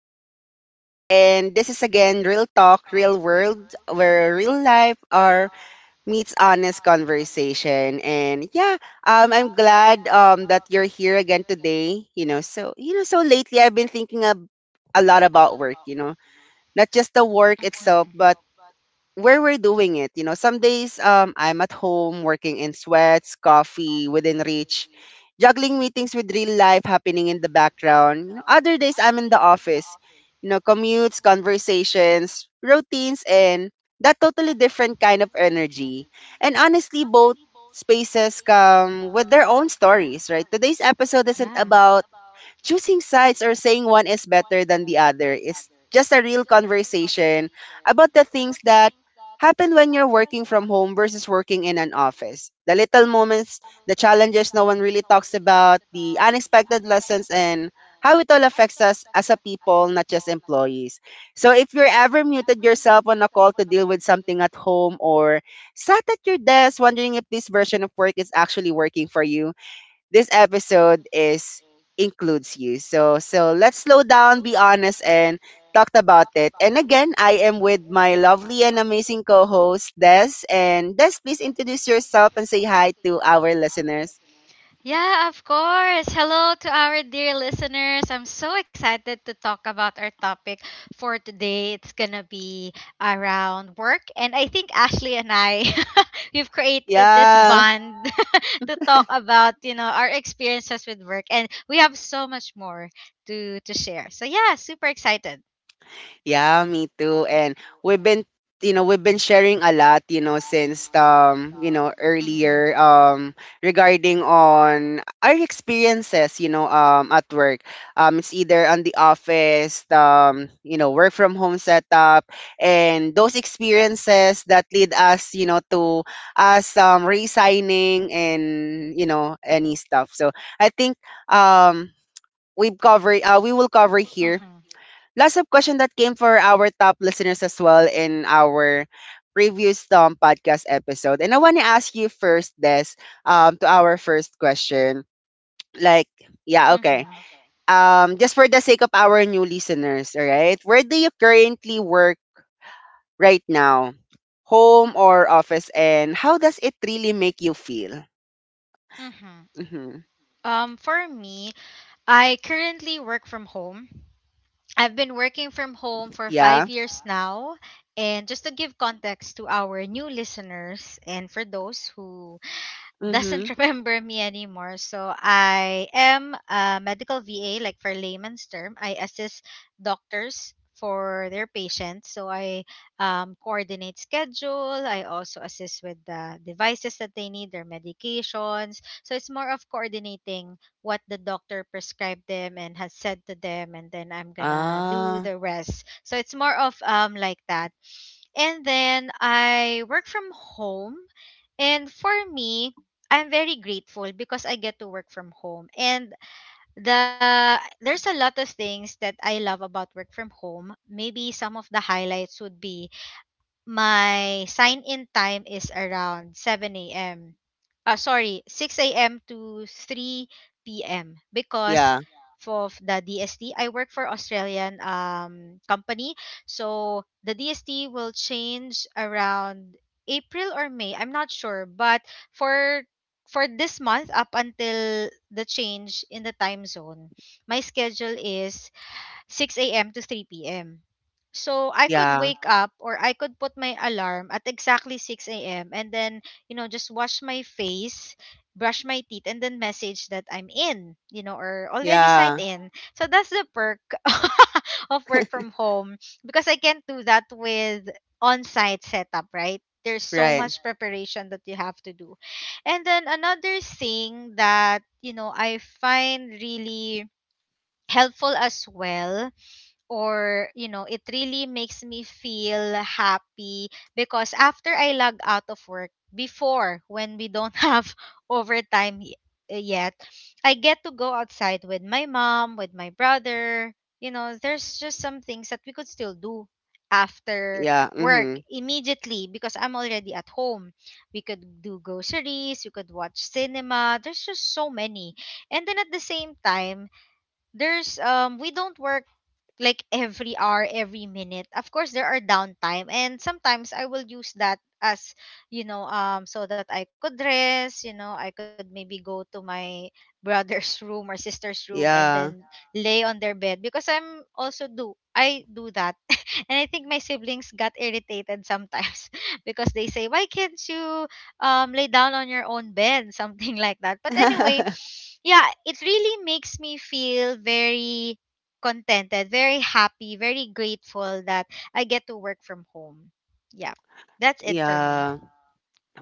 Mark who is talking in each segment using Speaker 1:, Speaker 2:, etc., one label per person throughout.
Speaker 1: welcome back. And this is again Real Talk, Real World, where real life are meets honest conversation. And yeah, I'm glad that you're here again today. So lately I've been thinking a lot about work. You know, not just the work
Speaker 2: Hmm.
Speaker 1: itself, but where we're doing it. You know, some days I'm at home working in sweats, coffee within reach, juggling meetings with real life happening in the background. You know, other days I'm in the office, you know, commutes, conversations, routines, and that totally different kind of energy. And honestly, both spaces come with their own stories, right? Today's episode isn't
Speaker 2: Yeah.
Speaker 1: about choosing sides or saying one is better than the other is just a real conversation about the things that happen when you're working from home versus working in an office. The little moments, the challenges no one really talks about, the unexpected lessons, and how it all affects us as a people, not just employees. So if you're ever muted yourself on a call to deal with something at home or sat at your desk wondering if this version of work is actually working for you, this episode is includes you. So let's slow down, be honest, and talked about it. And again, I am with my lovely and amazing co-host Des. And Des, please introduce yourself and say hi to our listeners.
Speaker 2: Yeah, of course. Hello to our dear listeners. I'm so excited to talk about our topic for today. It's going to be around work. And I think Ashley and I, we've created this
Speaker 1: Yeah.
Speaker 2: bond to talk about, our experiences with work. And we have so much more to share. So, yeah, super excited.
Speaker 1: Yeah, me too. And we've been, you know, we've been sharing a lot, you know, since you know,
Speaker 2: Mm-hmm.
Speaker 1: earlier regarding on our experiences, you know, at work. It's either on the office, you know, work from home setup and those experiences that lead us, you know, to us resigning and, you know, any stuff. So I think um we will cover
Speaker 2: To
Speaker 1: here
Speaker 2: cover.
Speaker 1: lots of questions that came for our top listeners as well in our previous podcast episode. And I want to ask you first, Des, to our first question. Like, yeah,
Speaker 2: Mm-hmm.
Speaker 1: okay. Just for the sake of our new listeners, all right? Where do you currently work right now? Home or office? And how does it really make you feel?
Speaker 2: Mm-hmm.
Speaker 1: Mm-hmm.
Speaker 2: For me, I currently work from home. I've been working from home for
Speaker 1: Yeah.
Speaker 2: 5 years now. And just to give context to our new listeners and for those who doesn't
Speaker 1: Mm-hmm.
Speaker 2: remember me anymore. So I am a medical VA, like for layman's term. I assist doctors for their patients. So I coordinate schedule. I also assist with the devices that they need, their medications. So it's more of coordinating what the doctor prescribed them and has said to them, and then I'm gonna do
Speaker 1: Ah,
Speaker 2: the rest. So it's more of like that and then I work from home. And for me, I'm very grateful because I get to work from home. And there's a lot of things that I love about work from home. Maybe some of the highlights would be my sign in time is around 7 a.m. Sorry, 6 a.m. to 3 p.m. because
Speaker 1: yeah,
Speaker 2: of the DST. I work for Australian company. So the DST will change around April or May. I'm not sure. But for for this month up until the change in the time zone, my schedule is 6 a.m. to 3 p.m. So I could
Speaker 1: yeah,
Speaker 2: wake up or I could put my alarm at exactly 6 a.m. and then, just wash my face, brush my teeth, and then message that I'm in, or already
Speaker 1: yeah,
Speaker 2: signed in. So that's the perk of work from home because I can't do that with on site setup, right? There's so
Speaker 1: right.
Speaker 2: much preparation that you have to do. And then another thing that, I find really helpful as well or it really makes me feel happy because after I log out of work before when we don't have overtime yet I get to go outside with my mom with my brother, there's just some things that we could still do after
Speaker 1: Yeah,
Speaker 2: work
Speaker 1: mm-hmm.
Speaker 2: immediately because I'm already at home. We could do groceries, we could watch cinema, there's just so many. And then at the same time, there's we don't work like every hour, every minute. Of course, there are downtime, and sometimes I will use that as so that I could rest. I could maybe go to my brother's room or sister's room and then
Speaker 1: Yeah.
Speaker 2: lay on their bed because I'm also do I do that, and I think my siblings got irritated sometimes because they say, "Why can't you lay down on your own bed?" Something like that. But anyway, yeah, it really makes me feel very contented, very happy, very grateful that I get to work from home. Yeah, that's it for me.
Speaker 1: Yeah.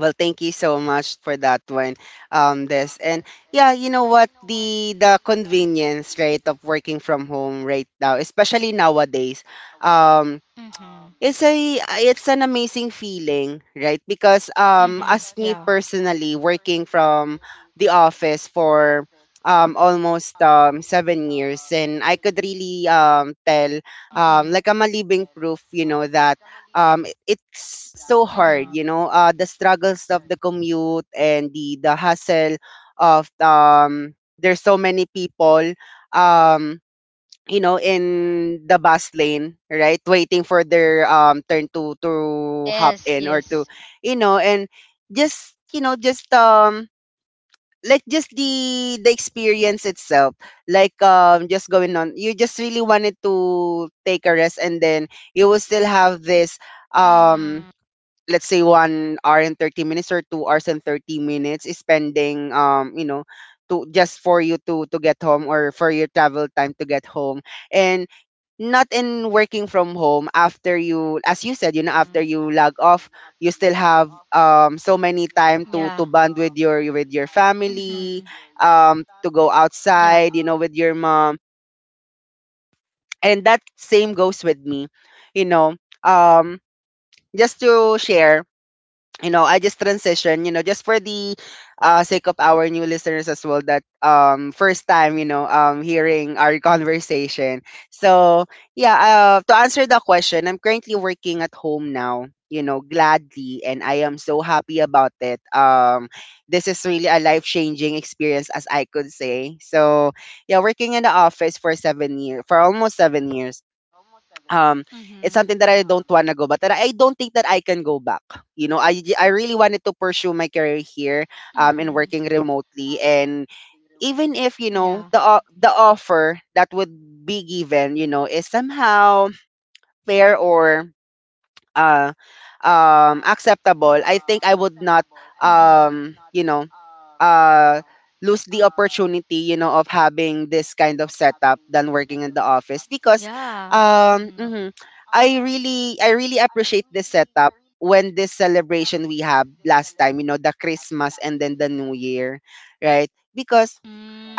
Speaker 1: Well, thank you so much for that one. This and yeah, you know what? The convenience, right, of working from home right now, especially nowadays. Um,
Speaker 2: Mm-hmm.
Speaker 1: it's an amazing feeling, right? Because
Speaker 2: Mm-hmm. Yeah.
Speaker 1: as me personally working from the office for almost 7 years and I could really tell
Speaker 2: Mm-hmm.
Speaker 1: like I'm a living proof, you know, that
Speaker 2: Mm-hmm.
Speaker 1: it's so hard, you know, the struggles of the commute and the hustle of there's so many people um you know, in the bus lane, right? Waiting for their turn to
Speaker 2: Yes,
Speaker 1: hop in
Speaker 2: yes.
Speaker 1: or to, you know, and just you know, just like just the experience itself, like just going on, you just really wanted to take a rest, and then you will still have this
Speaker 2: Mm-hmm.
Speaker 1: um let's say 1 hour and 30 minutes or 2 hours and 30 minutes is spending you know to just for you to get home or for your travel time to get home and not in working from home after you as you said you know after you
Speaker 2: Mm-hmm.
Speaker 1: log off you still have so
Speaker 2: Yeah.
Speaker 1: many time to bond with your
Speaker 2: Mm-hmm.
Speaker 1: family to go
Speaker 2: Yep.
Speaker 1: outside you know with your mom. And that same goes with me, you know, um just to share, you know, I just transition, you know, just for the sake of our new listeners as well that first time, you know, hearing our conversation. So, yeah, to answer the question, I'm currently working at home now, you know, gladly and I am so happy about it. This is really a life-changing experience as I could say. So, yeah, working in the office for 7 years, for almost 7 years, um,
Speaker 2: Mm-hmm.
Speaker 1: it's something that I don't wanna go back, that I don't think that I can go back. You know, I really wanted to pursue my career here, in
Speaker 2: Mm-hmm.
Speaker 1: working remotely, and even if you
Speaker 2: Yeah.
Speaker 1: know the offer that would be given, you know, is somehow fair or uh acceptable. I think I would not
Speaker 2: Mm-hmm.
Speaker 1: you know uh lose the opportunity, you know, of having this kind of setup than working in the office because
Speaker 2: Yeah.
Speaker 1: um
Speaker 2: Mm-hmm.
Speaker 1: mhm, I really appreciate this setup when this celebration we have last time, you know, the Christmas and then the New Year, right? Because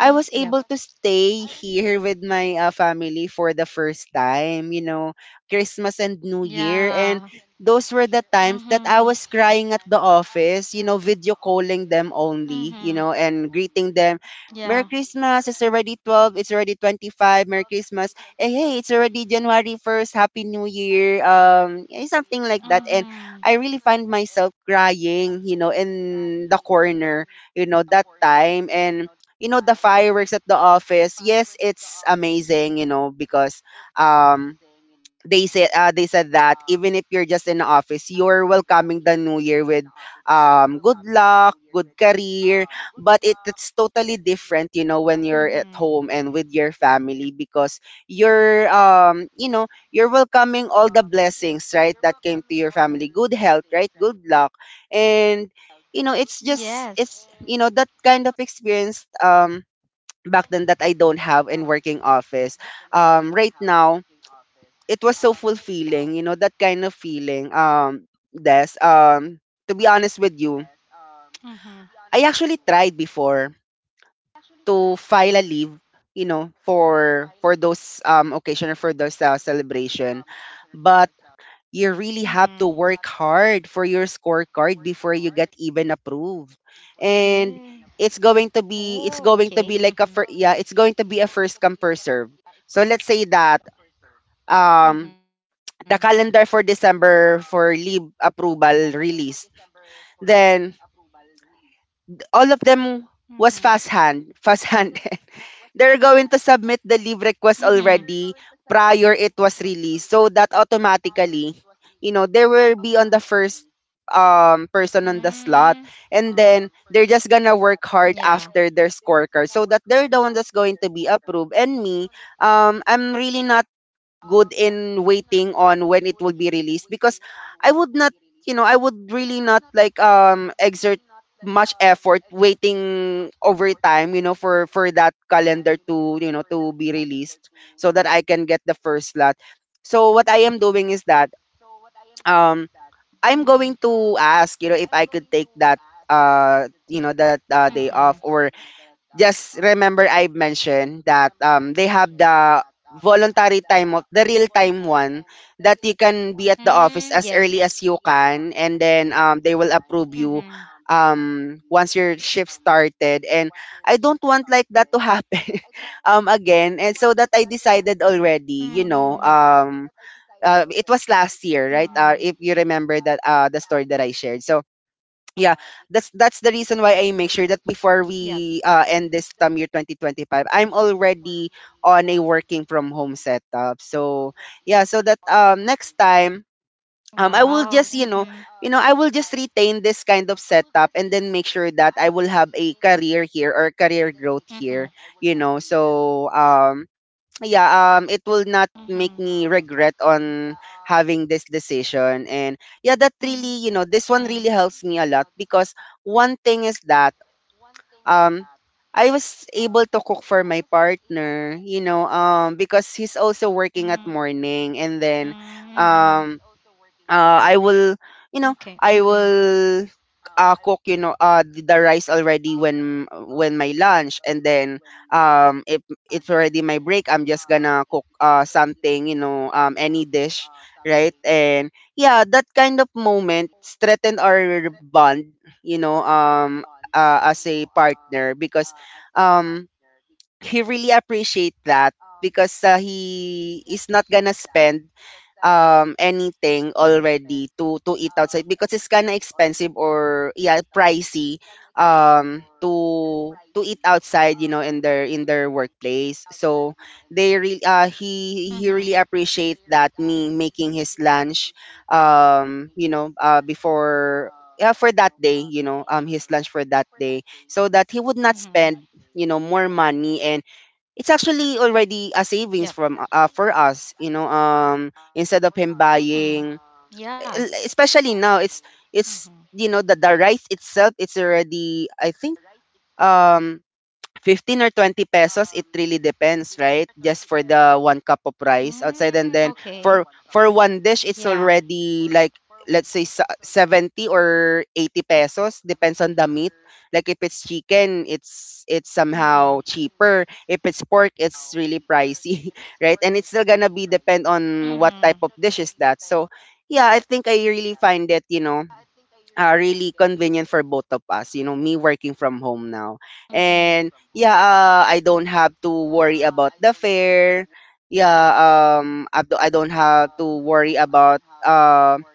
Speaker 1: I was
Speaker 2: yep.
Speaker 1: able to stay here with my family for the first time, you know, Christmas and New Year. And
Speaker 2: Yeah.
Speaker 1: those were the times that I
Speaker 2: Mm-hmm.
Speaker 1: was crying at the office, you know, video calling them only, you
Speaker 2: Mm-hmm.
Speaker 1: know, and greeting them.
Speaker 2: Yeah.
Speaker 1: Merry Christmas, it's already 12, it's already 25, Merry Christmas. Hey, hey, it's already January 1st, Happy New Year, something like that. And
Speaker 2: Mm-hmm.
Speaker 1: I really find myself crying, you know, in the corner, you know, that time. And you know the fireworks at the office, yes, it's amazing, you know, because um they said, they said that even if you're just in the office you're welcoming the New Year with good luck, good career, but it's totally different, you know, when
Speaker 2: Mm-hmm.
Speaker 1: you're at home and with your family, because you're you know you're welcoming all the blessings, right, that came to your family, good health, right, good luck. And you know it's
Speaker 2: Yes.
Speaker 1: just, it's you know, that kind of experience back then that I don't have in working office. Right now, it was so fulfilling, you know, that kind of feeling. Des, to be honest with you,
Speaker 2: Mm-hmm.
Speaker 1: I actually tried before to file a leave, you know, for those occasion or for those celebration, but you really have to
Speaker 2: Mm-hmm.
Speaker 1: work hard for your scorecard before you get even approved, and
Speaker 2: Yeah.
Speaker 1: it's
Speaker 2: Oh,
Speaker 1: going to
Speaker 2: okay.
Speaker 1: be like
Speaker 2: Mm-hmm.
Speaker 1: yeah, it's going to be a first come, first serve. So let's say that um
Speaker 2: Mm-hmm.
Speaker 1: the calendar for December for leave approval released, then all of them
Speaker 2: Mm-hmm.
Speaker 1: was fast hand, fast hand they're going to submit the leave request already prior it was released, so that automatically you know they will be on the first person on the slot,
Speaker 2: Mm-hmm. Mm,
Speaker 1: and then they're just gonna work hard
Speaker 2: yeah.
Speaker 1: after their scorecard so that they're the one that's going to be approved. And me, I'm really not good in waiting on when it will be released because I would not, you know, I would really not like exert much effort waiting over time, you know, for that calendar to, you know, to be released so that I can get the first slot. So what I am doing is that um I'm going to
Speaker 2: Mm-hmm.
Speaker 1: ask, you know, if I could take that day off. Or
Speaker 2: Mm-hmm.
Speaker 1: just remember I mentioned that they have the voluntary time of the real time one that you can be at the office as early
Speaker 2: Mm,
Speaker 1: as you
Speaker 2: yes.
Speaker 1: can, and then they will approve you
Speaker 2: Mm-hmm.
Speaker 1: once your shift started. And I don't want like that to happen again, and so that I decided already, you know, it was last
Speaker 2: Know.
Speaker 1: year, right, if you remember that, the story that I shared. So yeah, that's the reason why
Speaker 2: Yep.
Speaker 1: I make sure that before we end this term year 2025 I'm already on a working from home setup. So yeah, so that next time
Speaker 2: Wow.
Speaker 1: I will just you know I will just retain this kind of setup, and then make sure that I will have a career here or career growth here, you know. So yeah, it will not make me regret on having this decision. And yeah, that really, you know, this one really
Speaker 2: Yeah.
Speaker 1: helps me
Speaker 2: Mm-hmm.
Speaker 1: a lot, because one thing is that um, I was able to cook for my partner, you know, because he's also working at
Speaker 2: Know,
Speaker 1: morning, and then
Speaker 2: because
Speaker 1: um, I
Speaker 2: okay.
Speaker 1: will, you know, I will cook, you know, the rice already when my lunch, and then if it's already my break, I'm just gonna cook something, you know, any dish, right? And yeah, that kind of moment strengthen our bond, you know, um, as a partner. Because um, he really appreciate that because he is not gonna spend anything already to eat outside because it's kind of expensive or yeah, pricey to eat outside, you know, in their workplace. So they really uh he
Speaker 2: You
Speaker 1: he really appreciate that, me making his lunch, before. Yeah, for that day, his lunch for that day, so that he would not
Speaker 2: for
Speaker 1: spend, you know, more money. And it's actually already a savings
Speaker 2: yep.
Speaker 1: from
Speaker 2: You know.
Speaker 1: for us, you know, instead of him
Speaker 2: Mm-hmm.
Speaker 1: buying. Especially now, it's
Speaker 2: Mm-hmm.
Speaker 1: you know, the rice itself, it's already, I think, um 15 or 20 pesos. It really depends, right? Just for the one cup of rice outside.
Speaker 2: Mm,
Speaker 1: And then
Speaker 2: okay.
Speaker 1: for one dish it's
Speaker 2: Yeah.
Speaker 1: already like, let's say, 70 or 80 pesos, depends on the meat. Like if it's chicken, it's somehow
Speaker 2: Mm-hmm.
Speaker 1: cheaper. If it's pork, it's really pricey right? And it's still gonna be depend on what type
Speaker 2: Mm-hmm.
Speaker 1: of dish is that. So yeah, I think I really find it, you know, really convenient for both of us. You know, me working from home now. And
Speaker 2: Mm-hmm.
Speaker 1: yeah, I don't have to worry about the fare. Yeah, I don't have to worry about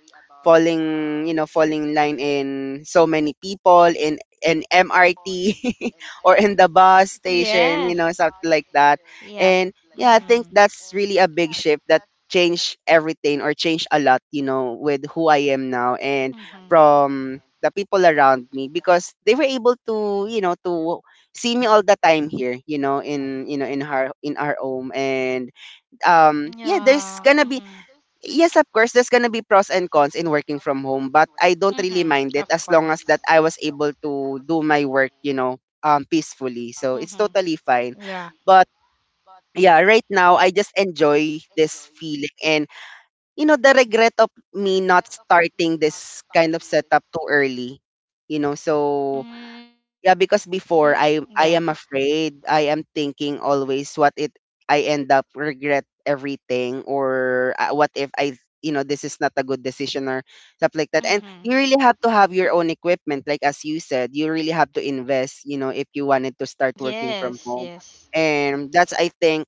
Speaker 1: falling, you know, falling in line in so many people in MRT or in the bus station, you know, something
Speaker 2: Yes.
Speaker 1: like that. And
Speaker 2: Yep.
Speaker 1: yeah, I think that's
Speaker 2: Mm-hmm.
Speaker 1: really a big shift that changed everything, or changed a lot, you know, with who I am now. And from
Speaker 2: Hmm.
Speaker 1: the people around me, because they were able to, you know, to see me all the time here, you know, in our home. And yeah, there's gonna be—
Speaker 2: Yeah.
Speaker 1: yes, of
Speaker 2: Mm-hmm.
Speaker 1: course, there's gonna be pros and cons in working from home, but I don't really mind it as long as
Speaker 2: Mm-hmm.
Speaker 1: that I was
Speaker 2: Of
Speaker 1: able
Speaker 2: course.
Speaker 1: to do my work, you know, peacefully. So it's totally fine.
Speaker 2: Mm-hmm.
Speaker 1: But
Speaker 2: Yeah.
Speaker 1: yeah, right now I just enjoy this feeling and, you know, the regret of me not starting this kind of setup too early. You know, so yeah, because
Speaker 2: Mm,
Speaker 1: before I
Speaker 2: yeah.
Speaker 1: I am afraid. I am thinking always what it— I end up regret everything, or what if I, you know, this is not a good decision, or
Speaker 2: Mm-hmm.
Speaker 1: stuff like that. And you really have to have your own equipment, like as you said, you really have to invest, you know, if you wanted
Speaker 2: Yes,
Speaker 1: to start
Speaker 2: yes.
Speaker 1: working from home. And that's, I think,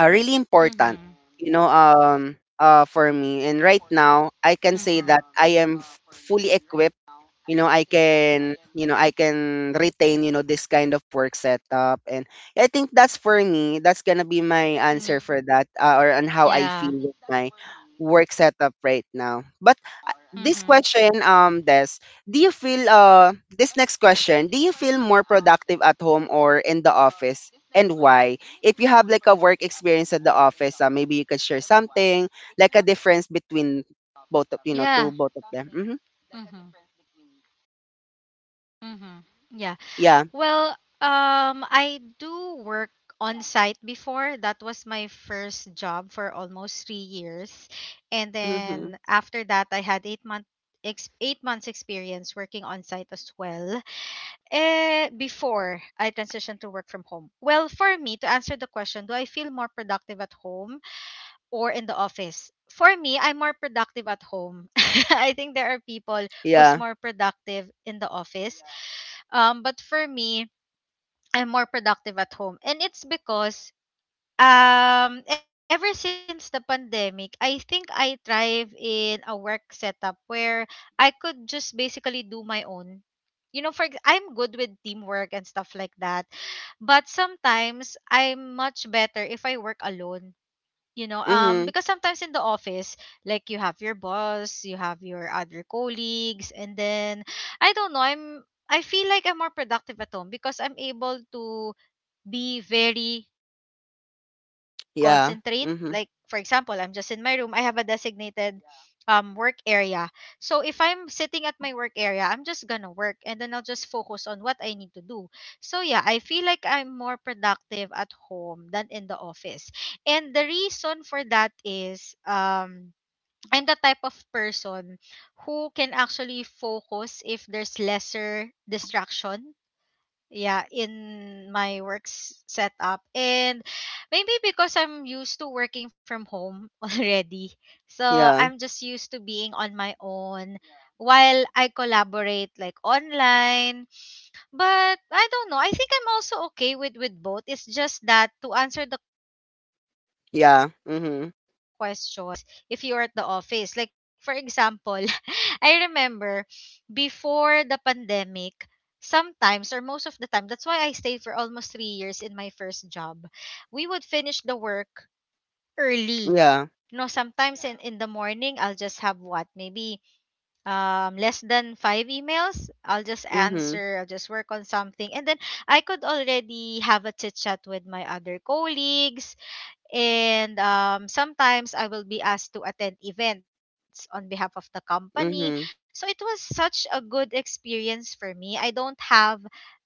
Speaker 1: really important, you know, for me. And right
Speaker 2: Mhm.
Speaker 1: now, I can say that I am fully equipped, you know. I can retain, you know, this kind of work setup. And I think that's, for me, that's gonna be
Speaker 2: Yeah.
Speaker 1: my answer for that, or on how I feel with my work
Speaker 2: Yeah.
Speaker 1: setup
Speaker 2: Mhm.
Speaker 1: right now. But this question, Des, do you feel— this next question do you feel more productive at home or in the office, and why? If you have like a work experience at the office, maybe you could share something, like a
Speaker 2: Yeah.
Speaker 1: difference
Speaker 2: Yeah.
Speaker 1: between both of, you
Speaker 2: Mhm.
Speaker 1: know,
Speaker 2: Mhm.
Speaker 1: to both of them. Hmm
Speaker 2: Mhm. Yeah. Well,
Speaker 1: yeah
Speaker 2: I do work on site before. That was my first job for almost 3 years. And then after that
Speaker 1: Mm-hmm.
Speaker 2: I had 8 months experience working on site as well. Before I transitioned to work from home. Well, for me to answer the question, do I feel more productive at home or in the office? For me, I'm more productive at home. I think there are people who's
Speaker 1: Yeah.
Speaker 2: more productive in the office. But for me, I'm more productive at home. And it's because ever since the pandemic, I think I thrive in a work setup where I could just basically do my own. I'm good with teamwork and stuff like that, but sometimes I'm much better if I work alone,
Speaker 1: Mhm.
Speaker 2: because sometimes in the office, like you have your boss, you have your other colleagues, and then I don't know, I feel like I'm more productive at home because I'm able to be very concentrate. Like for
Speaker 1: Yeah.
Speaker 2: example, I'm just in
Speaker 1: Mhm.
Speaker 2: my room. I have a designated work area. So if I'm sitting at my work area, I'm just gonna work and then I'll just focus on what I need to do. So yeah, I feel like I'm more productive at home than in the office. And the reason for that is I'm the type of person who can actually focus if there's lesser distraction, yeah, in my work setup. And maybe because I'm used to working from home already, so
Speaker 1: Yeah.
Speaker 2: I'm just used to being on my own while I collaborate like online. But I don't know. I think I'm also okay with both. It's just that to answer the question, I feel like I'm more
Speaker 1: Yeah.
Speaker 2: productive at home, but
Speaker 1: Mhm.
Speaker 2: there are a lot of perks if you are at the office. Like for example, I remember before the pandemic, sometimes or most of the time, that's why I stayed for almost 3 years in my first job. We would finish the work early.
Speaker 1: Yeah.
Speaker 2: You know, sometimes in the morning, I'll just have what? Maybe less than five emails. I'll just
Speaker 1: Mhm.
Speaker 2: answer, I'll just work on something and then I could already have a chit chat with my other colleagues, and sometimes I will be asked to attend events on behalf of the company.
Speaker 1: Mhm.
Speaker 2: So it was such a good experience for me. I don't have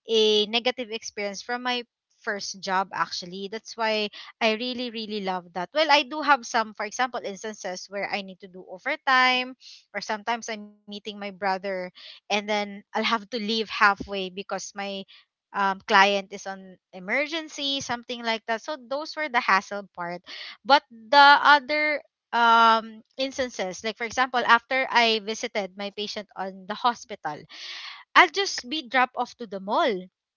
Speaker 2: a negative experience from my first job actually. That's why I really really love that. Well, I do have some for example instances where I need to do overtime or sometimes I'm meeting my brother and then I'll have to leave halfway because my client is on emergency, something like that. So those were the hassle part, but the other instances, like for example, after I visited my patient on the hospital, I'll just be dropped off to the mall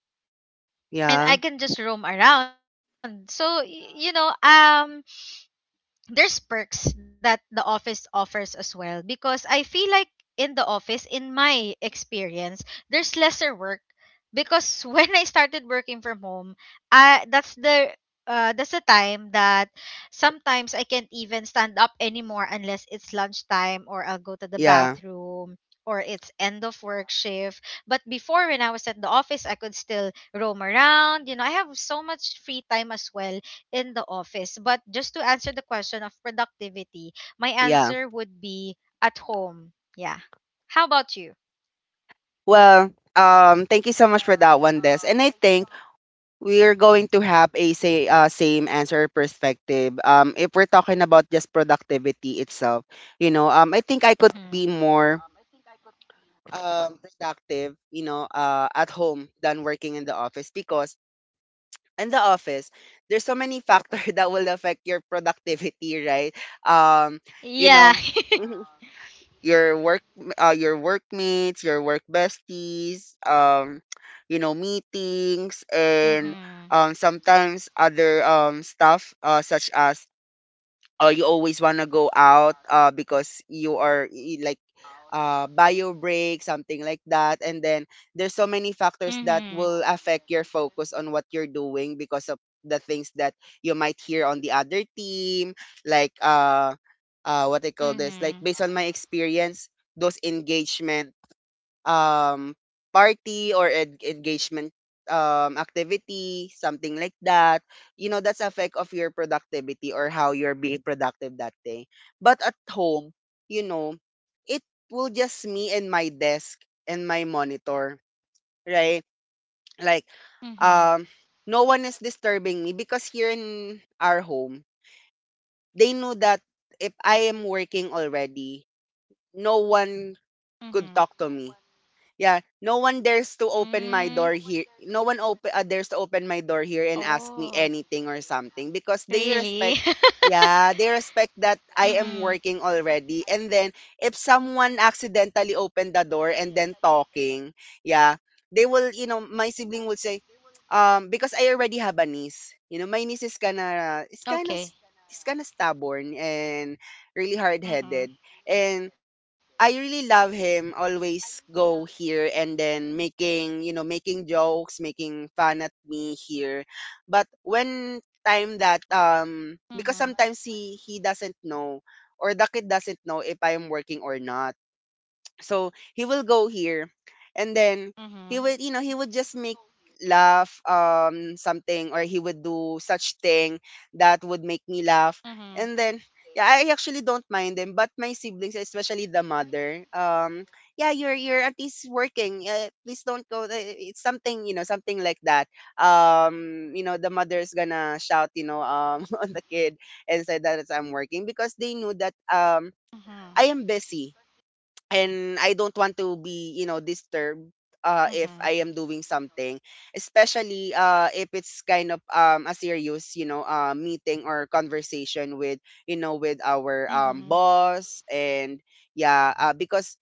Speaker 2: and I
Speaker 1: Yeah.
Speaker 2: can just roam around. So there's perks that the office offers as well because I feel like in the office, in my experience, there's lesser work because when I started working from home, I that's the time that sometimes I can't even stand up anymore unless it's lunchtime or I'll go to the
Speaker 1: Yeah.
Speaker 2: bathroom or it's end of work shift. But before when I was at the office, I could still roam around. You know, I have so much free time as well in the office. But just to answer the question of productivity, my
Speaker 1: Yeah.
Speaker 2: answer would be at home. Yeah. How about you?
Speaker 1: Well, thank you so much for that one, Des. And I think we're going to have a say— same answer perspective. If we're talking about just productivity itself, you know, I think I could be
Speaker 2: Mm-hmm.
Speaker 1: more productive, you know, at home than working in the office, because in the office, there's so many factors that will affect your productivity, right? Um, you
Speaker 2: Yeah.
Speaker 1: know, mhm, your work, your workmates, your work besties, you know,
Speaker 2: Mm-hmm.
Speaker 1: meetings, and sometimes other stuff, such as, or you always want to go out, because you are like, bio break, something like that. And then there's so many
Speaker 2: Mm-hmm.
Speaker 1: factors that will affect your focus on what you're doing, because of the things that you might hear on the other team, like uh, what I
Speaker 2: Mm-hmm.
Speaker 1: call this, like based on my experience, those engagement um party, or engagement activity, something like that, you know, that's effect of your productivity, or how you're being productive that day. But at home, you know, it will just me and my desk and my monitor, right? Like,
Speaker 2: Mm-hmm.
Speaker 1: um no one is disturbing me, because here in our home, they know that if I am working already, no one could
Speaker 2: Mm-hmm.
Speaker 1: talk to me. Yeah, no one dares to open my door
Speaker 2: Mm.
Speaker 1: here. No one open— dares to open my door here and ask me
Speaker 2: Oh.
Speaker 1: anything or something, because they respect—
Speaker 2: Really?
Speaker 1: yeah, they respect that I am
Speaker 2: Mm-hmm.
Speaker 1: working already. And then if someone accidentally opened the door and then talking, yeah, they will, you know, my sibling will say, because I already have a niece. You know, my niece is kind of—
Speaker 2: Okay.
Speaker 1: is kind of stubborn and really hard-headed.
Speaker 2: Mm-hmm.
Speaker 1: And I really love him always go here and then making, you know, making jokes, making fun at me here. But when time
Speaker 2: Mm-hmm.
Speaker 1: that because sometimes he doesn't know, or the kid doesn't know if I'm working or not. So he will go here
Speaker 2: Mm-hmm.
Speaker 1: and then he would, you know, he would just make laugh, something, or he would do such thing that
Speaker 2: Mm-hmm.
Speaker 1: would make me laugh. And then yeah, I actually don't mind them. But my siblings, especially the mother, yeah, your auntie's working, please don't go, it's something, you know, something like that. You know, the mother's gonna shout, you know, on the kid, and say that it's— I'm working. Because they knew that
Speaker 2: Mm-hmm.
Speaker 1: I am busy, and I don't want to be, you know, disturbed
Speaker 2: Mm-hmm.
Speaker 1: if I am doing something, especially if it's kind of a serious, you know, meeting or conversation with, you know, with
Speaker 2: Mm-hmm.
Speaker 1: our boss. And yeah, because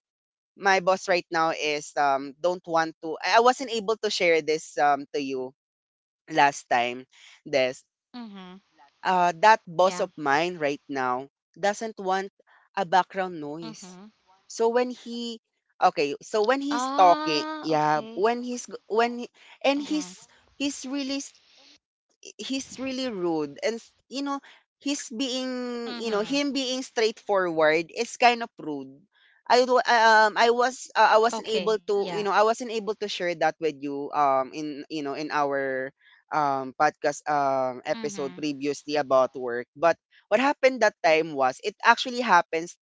Speaker 1: my boss right now is don't want to— I wasn't able to share this to you last time.
Speaker 2: Mm-hmm.
Speaker 1: This
Speaker 2: Yeah.
Speaker 1: That boss of mine right now doesn't want a background
Speaker 2: Mhm.
Speaker 1: noise. So when he— okay, so when he's
Speaker 2: Ah,
Speaker 1: talking,
Speaker 2: okay.
Speaker 1: yeah, when he's when he,
Speaker 2: Mhm.
Speaker 1: and he's— he's really he's really rude, and you know, he's being, you
Speaker 2: Mhm.
Speaker 1: know, him being straightforward is kind of rude. I wasn't
Speaker 2: Okay,
Speaker 1: able
Speaker 2: yeah.
Speaker 1: to, you know, I wasn't able to share that with you in you know in our podcast
Speaker 2: Mhm.
Speaker 1: episode previously about work. But what happened that time was, it actually happens,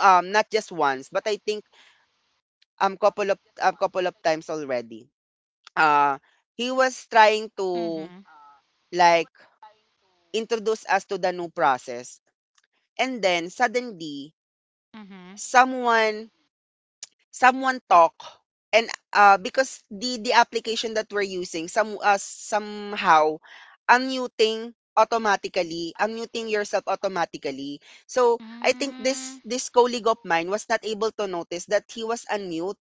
Speaker 1: not just once, but I think, couple of— a couple of times already. uh he was
Speaker 2: Mhm.
Speaker 1: trying to, like, introduce us to the new process. And then suddenly
Speaker 2: Mhm.
Speaker 1: someone— someone talk, and because the application that we're using some— somehow unmuting automatically, unmuting yourself automatically. So I think
Speaker 2: Mm.
Speaker 1: this colleague of mine was not able to notice that he was unmute.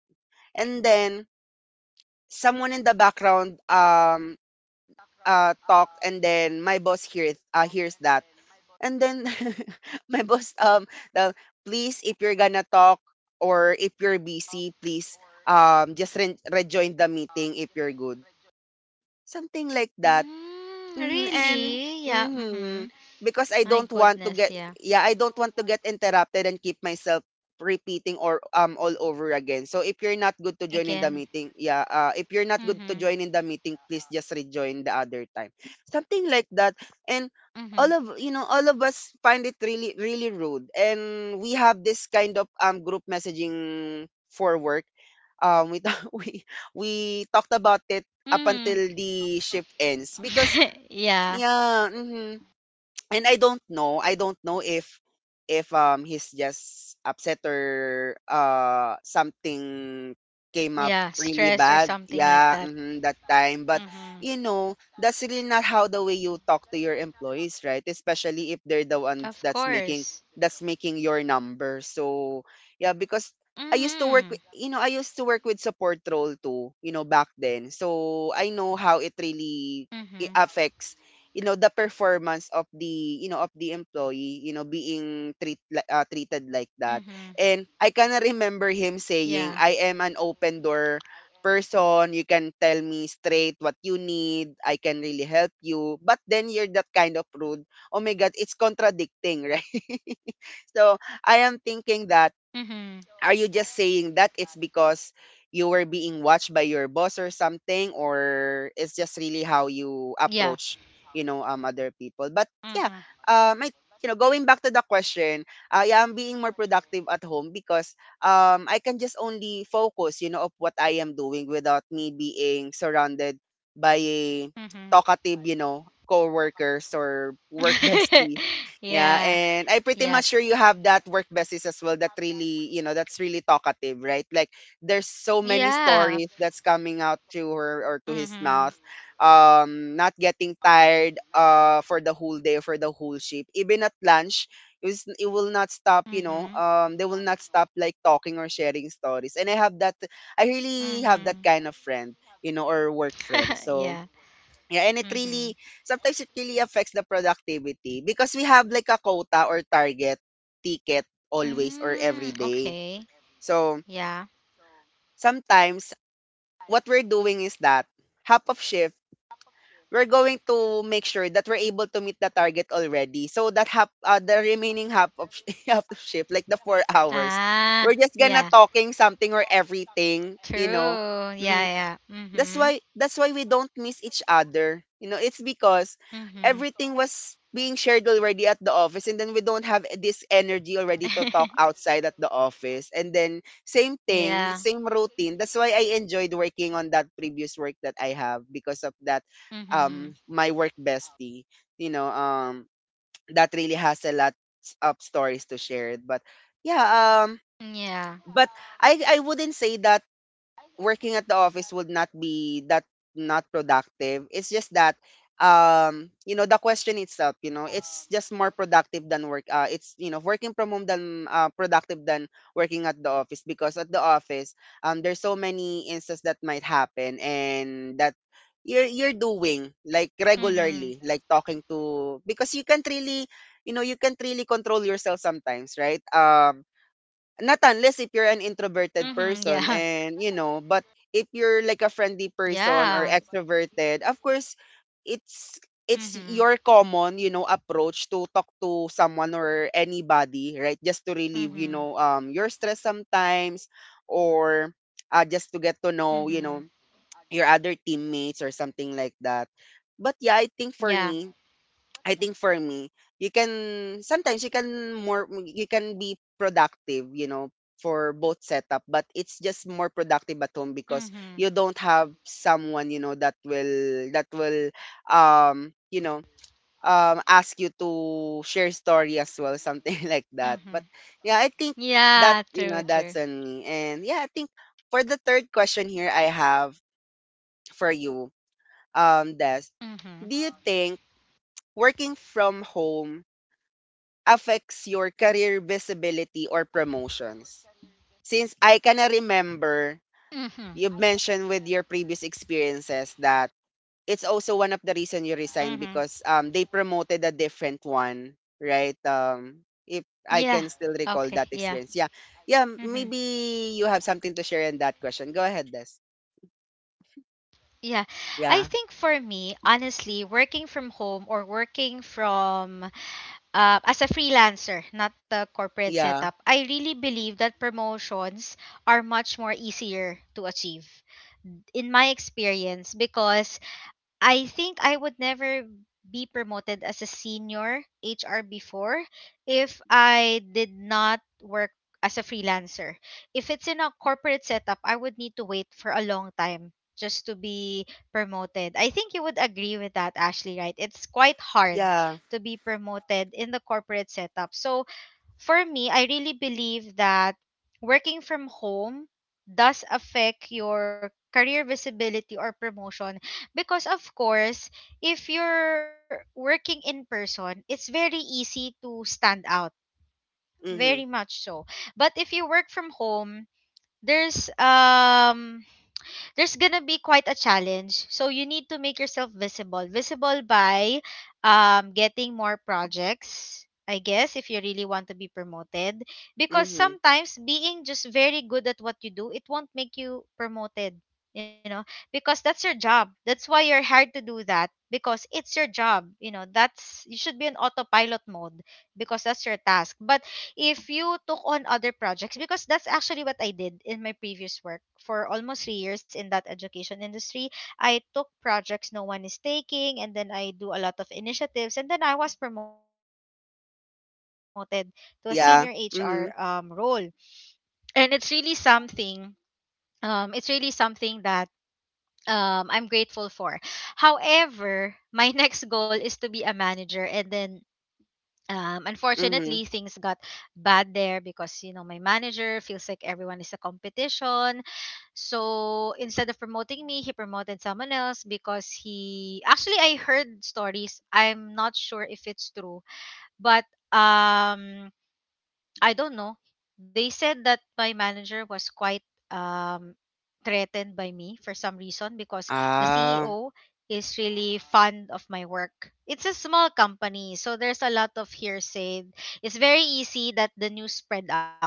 Speaker 1: And then someone in the background talked, and then my boss hears— hears that. And then my boss, the please, if you're gonna talk, or if you're busy, please, just rejoin the meeting if you're good. Something like that.
Speaker 2: Mm,
Speaker 1: Mhm.
Speaker 2: really? Yeah.
Speaker 1: Mhm,
Speaker 2: Mhm.
Speaker 1: because I
Speaker 2: My
Speaker 1: don't want to
Speaker 2: goodness,
Speaker 1: get—
Speaker 2: yeah.
Speaker 1: yeah, I don't want to get interrupted and keep myself repeating, or all over again. So if you're not good to
Speaker 2: Again.
Speaker 1: join in the meeting, yeah, if you're not
Speaker 2: Mhm.
Speaker 1: good to join in the meeting, please just rejoin the other time. Something like that. And
Speaker 2: Mhm.
Speaker 1: all of, you know, all of us find it really really rude. And we have this kind of group messaging for work. We we we talked about it up
Speaker 2: Mhm.
Speaker 1: until the shift ends. Because
Speaker 2: Yeah.
Speaker 1: yeah, mhm. And I don't know if— if he's just upset, or something came up
Speaker 2: Yeah,
Speaker 1: really
Speaker 2: stress or
Speaker 1: bad.
Speaker 2: something like
Speaker 1: Yeah,
Speaker 2: that.
Speaker 1: mhm, that time. But
Speaker 2: Mhm.
Speaker 1: you know, that's really not how the way you talk to your employees, right? Especially if they're the
Speaker 2: Of
Speaker 1: ones that's making—
Speaker 2: course.
Speaker 1: that's making your number. So yeah, because I used to
Speaker 2: Mhm.
Speaker 1: work with, you know, I used to work with support role too, you know, back then. So I know how it really
Speaker 2: Mhm.
Speaker 1: affects, you know, the performance of the, you know, of the employee, you know, being treat— treated like that.
Speaker 2: Mhm.
Speaker 1: And I kind of remember him saying,
Speaker 2: Yeah.
Speaker 1: I am an open door person, you can tell me straight what you need, I can really help you, but then you're that kind of rude. Oh my god, it's contradicting right? So I am thinking
Speaker 2: Mhm.
Speaker 1: that, are you just saying that it's because you were being watched by your boss or something, or it's just really how you
Speaker 2: Yeah.
Speaker 1: approach, you know, other people? But yeah,
Speaker 2: Mhm.
Speaker 1: um, I, going back to the question, I am being more productive at home because I can just only focus, of what I am doing without me being surrounded by a
Speaker 2: Mhm.
Speaker 1: talkative, coworkers or work bestie. Yeah,
Speaker 2: Yeah.
Speaker 1: and I pretty
Speaker 2: Yep.
Speaker 1: much sure you have that work besties as well that really, that's really talkative, right? Like there's so many
Speaker 2: Yeah.
Speaker 1: stories that's coming out to her or to his mouth.
Speaker 2: Mhm.
Speaker 1: Not getting tired for the whole day, for the whole shift. Even at lunch, it will not stop, you know.
Speaker 2: Mhm.
Speaker 1: Um, they will not stop like talking or sharing stories. And I have that I really have that kind
Speaker 2: Mhm.
Speaker 1: of friend, you know, or work friend. So
Speaker 2: Yeah.
Speaker 1: yeah, and it really
Speaker 2: Mhm.
Speaker 1: sometimes it really affects the productivity because we have like a quota or target ticket always or every
Speaker 2: Mm,
Speaker 1: day.
Speaker 2: okay.
Speaker 1: So
Speaker 2: Yeah.
Speaker 1: sometimes what we're doing is that half of shift we're going to make sure that we're able to meet the target already. So that half the remaining half of sh- half of shift like the 4 hours we're just gonna
Speaker 2: Ah.
Speaker 1: talking
Speaker 2: Yeah.
Speaker 1: something or everything, you know. Mm-hmm.
Speaker 2: True. Yeah. Yeah.
Speaker 1: That's why
Speaker 2: Mhm.
Speaker 1: we don't miss each other. You know, it's because everything
Speaker 2: Mhm.
Speaker 1: was being shared already at the office, and then we don't have this energy already to talk outside at the office. And then same thing, same
Speaker 2: Yeah.
Speaker 1: routine. That's why I enjoyed working on that previous work that I have because of that my
Speaker 2: Mhm.
Speaker 1: work bestie. You know, um, that really has a lot of stories to share. But yeah, um
Speaker 2: Yeah.
Speaker 1: but I wouldn't say that working at the office would not be that not productive. It's just that um, you know, the question itself, you know, it's just more productive than work it's, you know, working from home than productive than working at the office because at the office um, there's so many instances that might happen, and that you're
Speaker 2: Mhm.
Speaker 1: doing like regularly like talking to because you can't really, you know, you can't really control yourself sometimes, right? Um, not unless if you're
Speaker 2: Mhm.
Speaker 1: an
Speaker 2: Yeah.
Speaker 1: introverted person, and you know, but if you're like a
Speaker 2: Yeah.
Speaker 1: friendly person or extroverted, of course it's
Speaker 2: Mhm.
Speaker 1: it's your common, you know, approach to talk to someone or anybody, right? Just to
Speaker 2: Mhm.
Speaker 1: relieve, you know, um, your stress sometimes or just to get to
Speaker 2: Mhm.
Speaker 1: know, you know, your other teammates or something like that. But yeah, i think
Speaker 2: Yeah.
Speaker 1: for me I think for me, you can sometimes you can be productive, you know, for both setup, but it's just more productive at home because
Speaker 2: Mhm.
Speaker 1: you don't have someone, you know, that will you know, um, ask you to share story as well, something like that. But
Speaker 2: Mhm.
Speaker 1: yeah, I think that's,
Speaker 2: Yeah,
Speaker 1: you know,
Speaker 2: true,
Speaker 1: that's
Speaker 2: true.
Speaker 1: on me. And yeah, I think for the third question here I have for you, Des, do you
Speaker 2: Mhm.
Speaker 1: think working from home affects your career visibility or promotions? Since I can remember
Speaker 2: Mhm.
Speaker 1: you mentioned with your previous experiences that it's also one of the reason you
Speaker 2: Mhm.
Speaker 1: resigned because um, they promoted a different one, right? Um, if
Speaker 2: Yeah.
Speaker 1: I can still
Speaker 2: Okay,
Speaker 1: recall
Speaker 2: yeah.
Speaker 1: that experience. Yeah. Yeah,
Speaker 2: Mhm.
Speaker 1: maybe you have something to share in that question. Go ahead, Des.
Speaker 2: Yeah. I
Speaker 1: Yeah.
Speaker 2: think for me, honestly, working from home or working from as a freelancer, not the corporate
Speaker 1: Yeah.
Speaker 2: setup, I really believe that promotions are much more easier to achieve in my experience because I think I would never be promoted as a senior HR before if I did not work as a freelancer. If it's in a corporate setup, I would need to wait for a long time just to be promoted. I think you would agree with that, Ashley, right? It's quite hard
Speaker 1: Yeah.
Speaker 2: to be promoted in the corporate setup. So for me, I really believe that working from home does affect your career visibility or promotion because of course if you're working in person it's very easy to stand out, very
Speaker 1: Mhm.
Speaker 2: much so. But if you work from home, there's um there's gonna be quite a challenge. So you need to make yourself visible. Visible by getting more projects, I guess, if you really want to be promoted. Because
Speaker 1: Mhm.
Speaker 2: sometimes being just very good at what you do, it won't make you promoted. You know, because that's your job. That's why you're hired to do that because it's your job. You know, that's You should be in autopilot mode because that's your task. But if you took on other projects because that's actually what I did in my previous work for almost 3 years in that education industry, I took projects no one is taking and then I do a lot of initiatives and then I was promoted to a senior HR role.
Speaker 1: Yeah. Mhm.
Speaker 2: And it's really something that I'm grateful for. However, my next goal is to be a manager, and then unfortunately, things got
Speaker 1: Mhm.
Speaker 2: bad there because my manager feels like everyone is a competition. So instead of promoting me, he promoted someone else because he actually, I heard stories. I'm not sure if it's true, but um I don't know. They said that my manager was quite um, threatened by me for some reason because the
Speaker 1: Ah,
Speaker 2: CEO is really fond of my work. It's a small company, so there's a lot of hearsay. It's very easy that the news spread out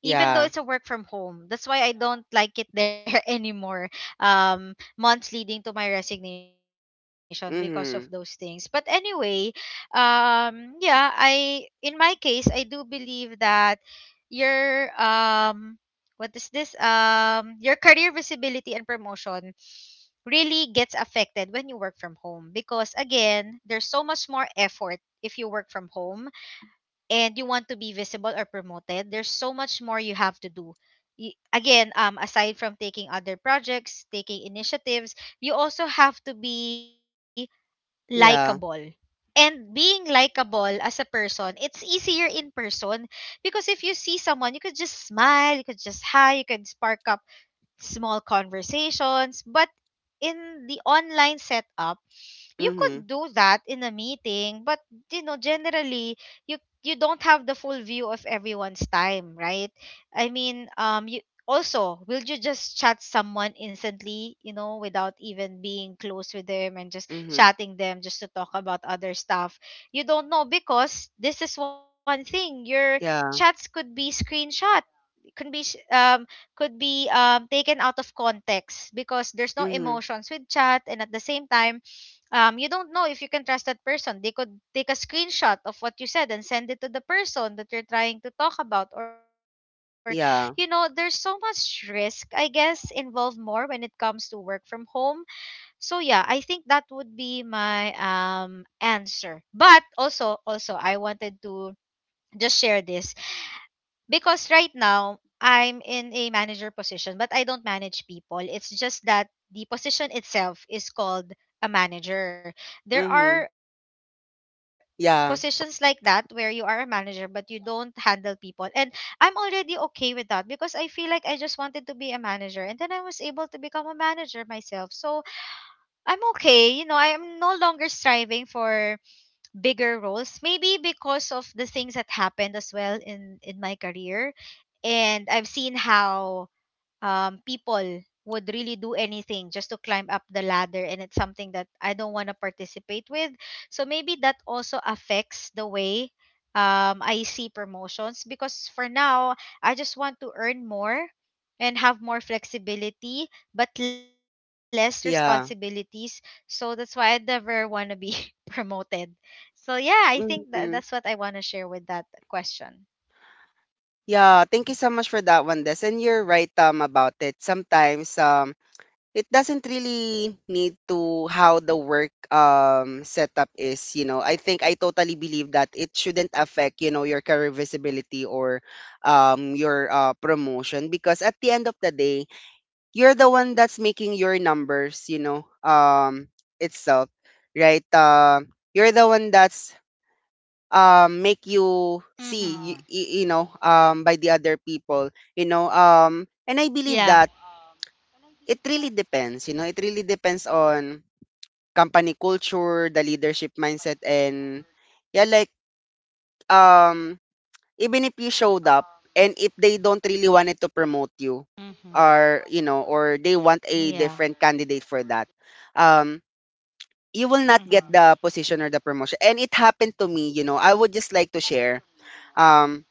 Speaker 2: even though
Speaker 1: yeah.
Speaker 2: it's a work from home. That's why I don't like it there anymore. Months leading to my resignation because of those things. But
Speaker 1: Mhm.
Speaker 2: anyway, yeah, I in my case, I do believe that your what is this? Your career visibility and promotion really gets affected when you work from home because again, there's so much more effort if you work from home and you want to be visible or promoted, there's so much more you have to do. Again, aside from taking other projects, taking initiatives, you also have to be
Speaker 1: Yeah.
Speaker 2: likable. And being likable as a person, it's easier in person because if you see someone, you could just smile, you could just hi, you could spark up small conversations. But in the online setup, you could
Speaker 1: Mhm.
Speaker 2: do that in a meeting, but generally, you you don't have the full view of everyone's time, right? I mean, you also, will you just chat someone instantly, without even being close with them and just
Speaker 1: Mhm.
Speaker 2: chatting them just to talk about other stuff? You don't know because this is one thing. Your chats
Speaker 1: Yeah.
Speaker 2: could be screenshots, can be sh- um could be taken out of context because there's no
Speaker 1: Mhm.
Speaker 2: emotions with chat, and at the same time, you don't know if you can trust that person. They could take a screenshot of what you said and send it to the person that you're trying to talk about. Or there's
Speaker 1: Yeah.
Speaker 2: so much risk, I guess, involved more when it comes to work from home. So yeah, I think that would be my answer. But also, I wanted to just share this because right now, I'm in a manager position, but I don't manage people. It's just that the position itself is called a manager.
Speaker 1: Mhm.
Speaker 2: There are positions like
Speaker 1: Yeah.
Speaker 2: that where you are a manager, but you don't handle people. And I'm already okay with that because I feel like I just wanted to be a manager. And then I was able to become a manager myself. So I'm okay. I am no longer striving for bigger roles. Maybe because of the things that happened as well in my career, and I've seen how people would really do anything just to climb up the ladder, and it's something that I don't want to participate with. So maybe that also affects the way I see promotions because for now, I just want to earn more and have more flexibility but less
Speaker 1: Yeah.
Speaker 2: responsibilities. So that's why I never want to be promoted. So yeah, I think
Speaker 1: Mhm.
Speaker 2: that's what I want to share with that question.
Speaker 1: Yeah. Thank you so much for that one, Des. And you're right, about it. Sometimes, it doesn't really need to how the work um, setup is. You know, I think I totally believe that it shouldn't affect, you know, your career visibility or um, your promotion because at the end of the day, you're the one that's making your numbers, you know, itself, right? You're the one that's um, make you see,
Speaker 2: Mm-hmm.
Speaker 1: you know, by the other people, you know, and I believe that
Speaker 2: Yeah.
Speaker 1: it really depends, you know, it really depends on company culture, the leadership mindset, and yeah, like um, even if you showed up, and if they don't really wanted to promote you,
Speaker 2: Mm-hmm.
Speaker 1: or you know, or they want a
Speaker 2: Yeah.
Speaker 1: different candidate for that um, you will not get
Speaker 2: Mm-hmm.
Speaker 1: the position or the promotion. And it happened to me, you know, I would just like to share um,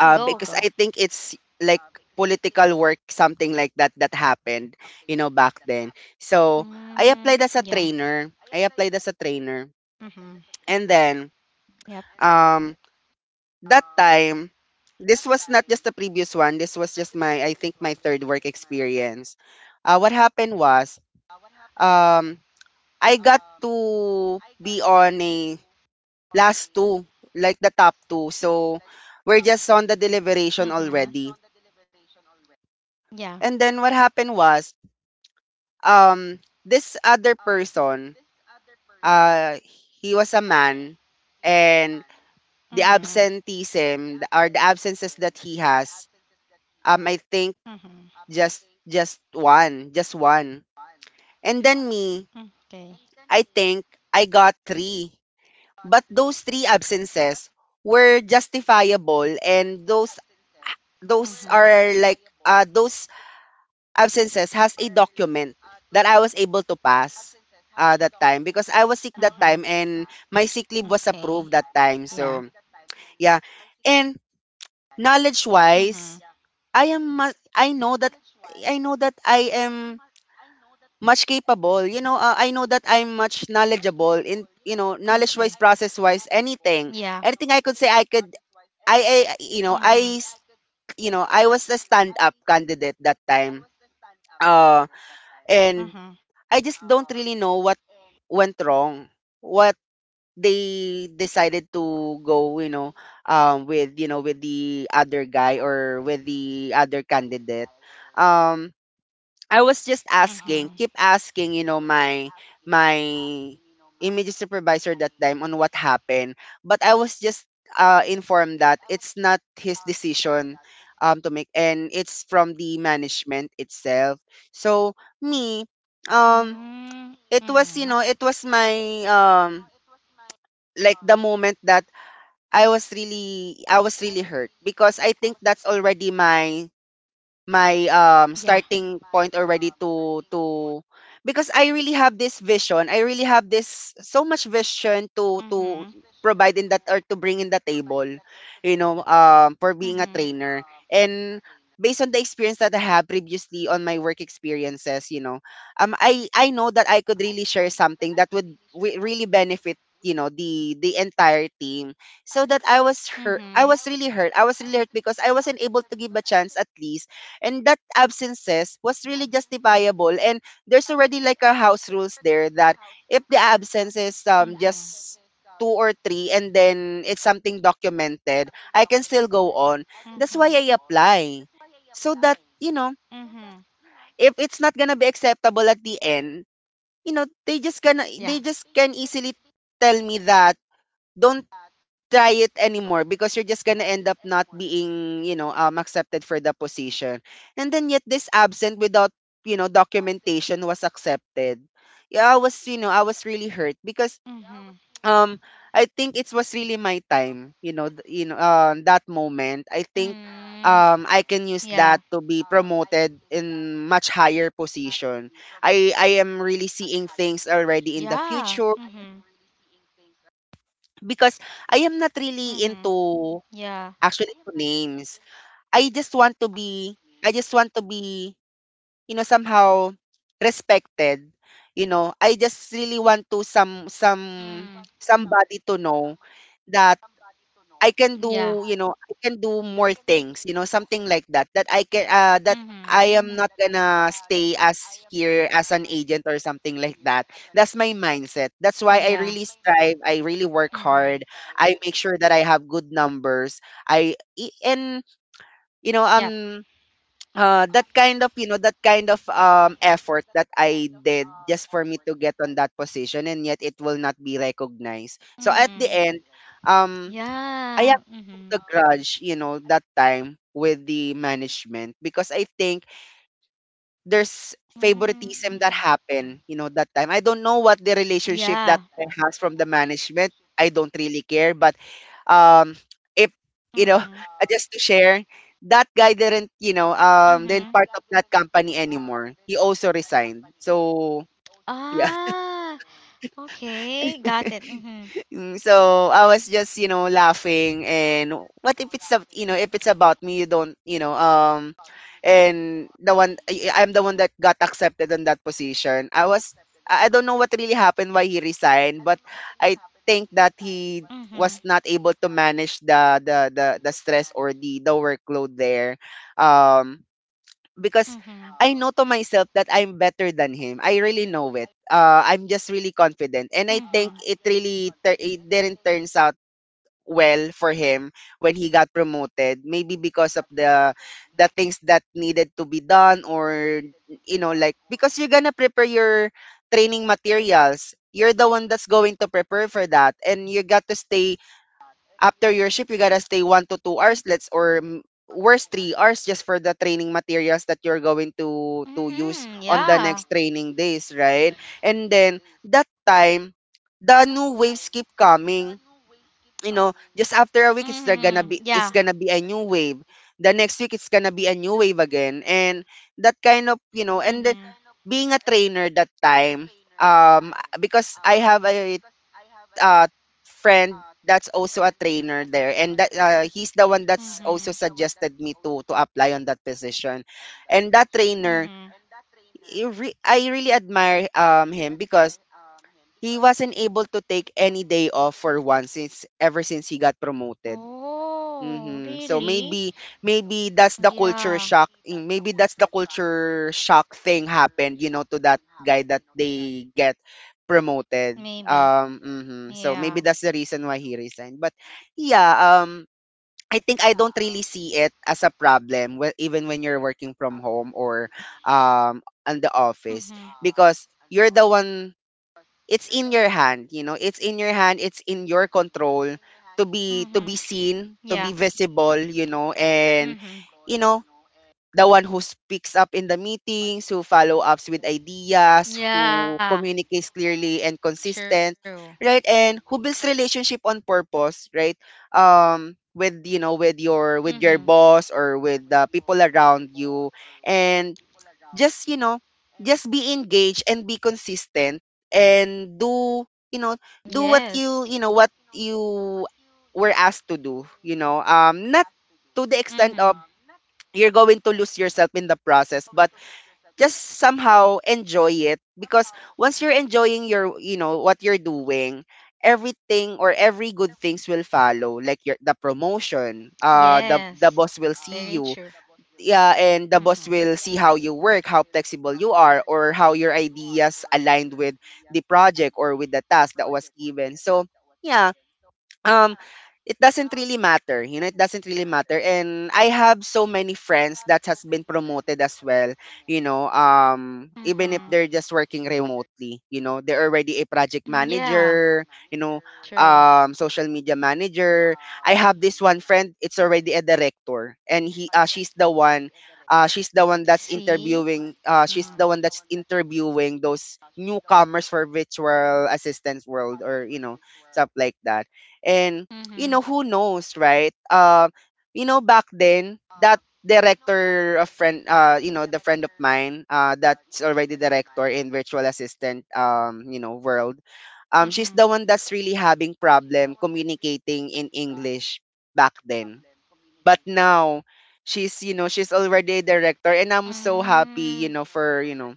Speaker 1: because
Speaker 2: go,
Speaker 1: I
Speaker 2: go.
Speaker 1: think it's like political work something like that that happened, you know, back then. So I applied as a
Speaker 2: Mm, yeah.
Speaker 1: trainer I applied as a trainer
Speaker 2: Mm-hmm.
Speaker 1: and then
Speaker 2: Yep.
Speaker 1: um, that time, this was not just the previous one. This was just my, I think, my third work experience. What happened was, um, I got to be on a last two, like the top two. So we're just on the deliberation already.
Speaker 2: Mm-hmm.
Speaker 1: And
Speaker 2: Yeah.
Speaker 1: then what happened was, this other person, uh, he was a man, and the
Speaker 2: Mm-hmm.
Speaker 1: absenteeism or the absences that he has, I think Just
Speaker 2: Mm-hmm.
Speaker 1: just one, just one. And then me, I
Speaker 2: Okay.
Speaker 1: think I got three. But those three absences were justifiable, and
Speaker 2: Mm-hmm.
Speaker 1: those are like those absences has a document that I was able to pass that
Speaker 2: Mm-hmm.
Speaker 1: time because I was sick that time and
Speaker 2: Okay.
Speaker 1: my sick leave was
Speaker 2: Yeah.
Speaker 1: approved that time. So yeah. And
Speaker 2: Mm-hmm.
Speaker 1: knowledge wise, I know that I know that I am much capable. You know, I know that I'm much knowledgeable in, you know, knowledge wise, process wise,
Speaker 2: Yeah.
Speaker 1: anything. Anything I could say, I could,
Speaker 2: And
Speaker 1: I,
Speaker 2: I.
Speaker 1: you know, you know, I was the stand up candidate that time. Uh,
Speaker 2: Mhm.
Speaker 1: and I just don't really know what went wrong, what they decided to go, you know, with, you know, with the other guy or with the other candidate. Um, I was just asking, keep asking, you know, my image supervisor that time on what happened. But I was just informed that it's not his decision to make, and it's from the management itself. So me,
Speaker 2: So.
Speaker 1: um,
Speaker 2: Mm.
Speaker 1: it was, you know,
Speaker 2: Mhm.
Speaker 1: it was my um, like the moment that I was really hurt because I think that's already my um,
Speaker 2: Yeah.
Speaker 1: starting point already to because I really have this vision. I really have this so much vision to
Speaker 2: So
Speaker 1: to provide
Speaker 2: much
Speaker 1: in that or to bring in the table, you know, um, for being a
Speaker 2: you.
Speaker 1: trainer.
Speaker 2: Mhm.
Speaker 1: And based on the experience that I had previously on my work experiences, you know, um, I know that I could really share something that would really benefit, you know, the entire team. So that i was hurt i was
Speaker 2: So
Speaker 1: really hurt i
Speaker 2: when.
Speaker 1: was really hurt because I wasn't able to give a chance at least. And that absences was really justifiable, and there's already like a house rules there that if the absence is um, just
Speaker 2: If.
Speaker 1: two or three, and then it's something documented, I can still go on. That's why I
Speaker 2: So
Speaker 1: apply so that you know,
Speaker 2: that.
Speaker 1: if it's not gonna be acceptable at the end, you know, they just gonna, they just can
Speaker 2: Yeah. Yeah,
Speaker 1: easily tell me that don't try it anymore because you're just gonna end up not being, you know, accepted for the position. And then yet this absent without, you know, documentation was accepted. Yeah, I was, you know, I was really hurt because um, I think it was really my time, you know, you know, um, that moment. I think
Speaker 2: uh,
Speaker 1: um,
Speaker 2: Mm.
Speaker 1: I can use that to
Speaker 2: Yeah.
Speaker 1: be promoted in much higher position. I am really seeing things
Speaker 2: Yeah.
Speaker 1: already in the future
Speaker 2: Are.
Speaker 1: because I am not
Speaker 2: Mhm.
Speaker 1: really
Speaker 2: Yeah.
Speaker 1: into actually to names. I just want to be I just want to be, you know, somehow respected. You know, I just really want to some
Speaker 2: Mm.
Speaker 1: somebody to know that I can do, you
Speaker 2: Yeah.
Speaker 1: know, I can do more things, you know, something like that. That I can that
Speaker 2: Mhm.
Speaker 1: I am not gonna stay as here as an agent or something like that. That's my mindset. That's why I really strive. I really work hard.
Speaker 2: Mhm.
Speaker 1: I make sure that I have good numbers. And you know
Speaker 2: Yep.
Speaker 1: um, that kind of, you know, that kind of um, effort that I did just for me to get on that position, and yet it will not be recognized. So at the
Speaker 2: Mhm.
Speaker 1: end um,
Speaker 2: Yeah.
Speaker 1: I have
Speaker 2: So.
Speaker 1: to hold
Speaker 2: Mhm.
Speaker 1: a grudge, you know, that time with the management because I think there's
Speaker 2: Mm.
Speaker 1: favoritism that
Speaker 2: Mhm.
Speaker 1: happened, you know, that time. I don't know what the relationship
Speaker 2: Yeah.
Speaker 1: that I has from the management. I don't really care, but um, if you know,
Speaker 2: Mhm.
Speaker 1: just to share, that guy didn't, you know,
Speaker 2: That.
Speaker 1: um, didn't
Speaker 2: Mhm.
Speaker 1: part of that company anymore. He also resigned. So
Speaker 2: He.
Speaker 1: yeah.
Speaker 2: Ah. So. Okay. Got it. Mhm.
Speaker 1: So I was just, laughing and what if it's ab- you know, if it's about me, you don't, you know. And the one I'm the one that got accepted in that position. I was I don't know what really happened why he resigned, but I think that he
Speaker 2: Mm-hmm.
Speaker 1: was not able to manage the stress or the workload there. Um because
Speaker 2: Mm-hmm.
Speaker 1: I know to myself that I'm better than him. I really know it. I'm just really confident, and I think it really tur- it didn't turns out well for him when he got promoted. Maybe because of the things that needed to be done, or you know, like because you're gonna prepare your training materials. You're the one that's going to prepare for that, and you got to stay after your shift, you gotta stay 1 to 2 hours, worst 3 hours just for the training materials that you're going to use
Speaker 2: There is a.
Speaker 1: on the next training days, right? And then that time the new waves keep coming, you know, just after a week it's
Speaker 2: Mm-hmm.
Speaker 1: gonna be
Speaker 2: Because
Speaker 1: a new wave, the
Speaker 2: that.
Speaker 1: next week it's gonna be a new wave again, and that kind of, you know. And then being a trainer that time, um because I have a uh friend that's also a trainer there, and that he's the one that's also suggested me
Speaker 2: uh,
Speaker 1: to apply on that position. And that trainer,
Speaker 2: Mm-hmm.
Speaker 1: I really admire him because he wasn't able to take any day off for once since ever since he got promoted.
Speaker 2: Was his
Speaker 1: Mhm. So
Speaker 2: mentor. Oh,
Speaker 1: maybe
Speaker 2: really?
Speaker 1: maybe that's the culture shock.
Speaker 2: Yeah.
Speaker 1: Maybe that's the culture shock thing happened, you know, to that guy that they get promoted.
Speaker 2: Maybe.
Speaker 1: Mhm. So maybe that's the reason
Speaker 2: Um,
Speaker 1: why he resigned. But yeah, I think I don't really see it as a problem even when you're working from home or on the office,
Speaker 2: Mm-hmm.
Speaker 1: because you're the one, it's in your hand, you know, it's in your hand, it's in your control to be
Speaker 2: Your.
Speaker 1: seen, to be
Speaker 2: Yeah.
Speaker 1: visible, you know.
Speaker 2: Could
Speaker 1: And
Speaker 2: be. Mm-hmm.
Speaker 1: you
Speaker 2: Reduced
Speaker 1: know, the one who speaks up in the meetings, who follow ups with ideas,
Speaker 2: to balance.
Speaker 1: who
Speaker 2: Yeah.
Speaker 1: communicates clearly and
Speaker 2: And. True.
Speaker 1: consistent, right, and who builds relationship on purpose, right, with you know with your
Speaker 2: Meaning. Mm-hmm.
Speaker 1: boss
Speaker 2: And.
Speaker 1: or with the people around you. And just you know just be engaged and be consistent and do you know
Speaker 2: Do.
Speaker 1: do what
Speaker 2: Yes.
Speaker 1: you know what you were asked to do, you know, not to the extent of
Speaker 2: Mm-hmm.
Speaker 1: you're going to lose yourself in the process, but just somehow enjoy it, because once you're enjoying your you know what you're doing, everything or every good things will follow, like your the promotion, the boss will
Speaker 2: Yes.
Speaker 1: see you.
Speaker 2: Very true.
Speaker 1: Yeah, and the boss will
Speaker 2: Mm-hmm.
Speaker 1: see how you work, how flexible you are, or how your ideas aligned with the project or with the task that was given. So, yeah, um it doesn't really matter, you know, it doesn't really matter. And I have so many friends that has been promoted as well, you know, even if they're just
Speaker 2: Mm-hmm.
Speaker 1: working remotely, you know, they're already a project
Speaker 2: Mhm,
Speaker 1: manager, you
Speaker 2: yeah.
Speaker 1: know, social
Speaker 2: True.
Speaker 1: media manager. I have this one friend it's already a director, and he she's the one, she's the one
Speaker 2: See?
Speaker 1: that's interviewing,
Speaker 2: Mm-hmm.
Speaker 1: she's the one that's interviewing those newcomers for virtual assistance world, or you know stuff like that. And
Speaker 2: Mm-hmm.
Speaker 1: you know, who knows, right? You know, back then that director a friend you know the friend of mine, that's already director in virtual assistant, you know, world, she's
Speaker 2: Mm-hmm.
Speaker 1: the one that's really having problem communicating in English back then. But now she's you know she's already a director,
Speaker 2: Mm.
Speaker 1: and I'm so happy you know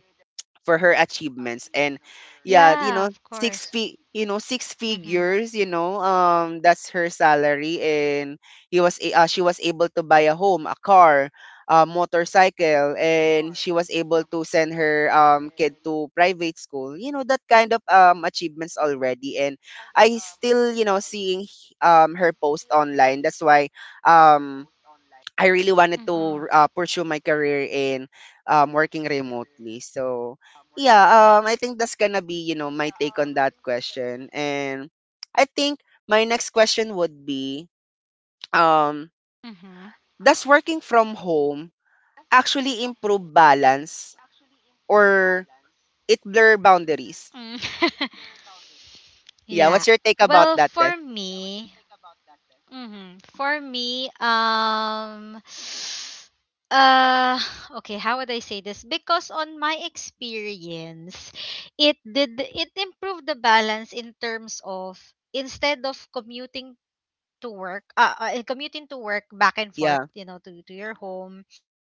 Speaker 1: for her achievements.
Speaker 2: Yeah,
Speaker 1: And
Speaker 2: of course.
Speaker 1: yeah, you know,
Speaker 2: Mm-hmm.
Speaker 1: you know, six figures, you know, that's her salary. And she was able to buy a home, a car, a motorcycle, and she was able to send her kid to private school, you know, that kind of achievements already. And I still you know seeing her post online, that's why um I really
Speaker 2: Mm-hmm.
Speaker 1: wanted to pursue my career in working remotely. So yeah, I think that's gonna be you know my take on that question. And I think my next question would be, um,
Speaker 2: Mm-hmm.
Speaker 1: does working from home actually improve balance or it blur boundaries?
Speaker 2: Mm.
Speaker 1: Yeah,
Speaker 2: Yeah.
Speaker 1: what's your take about
Speaker 2: Well,
Speaker 1: that, Des?
Speaker 2: for me, for me, uh, okay, how would I say this? Because on my experience, it improved the balance in terms of, instead of commuting to work back
Speaker 1: Yeah.
Speaker 2: and forth, to your home,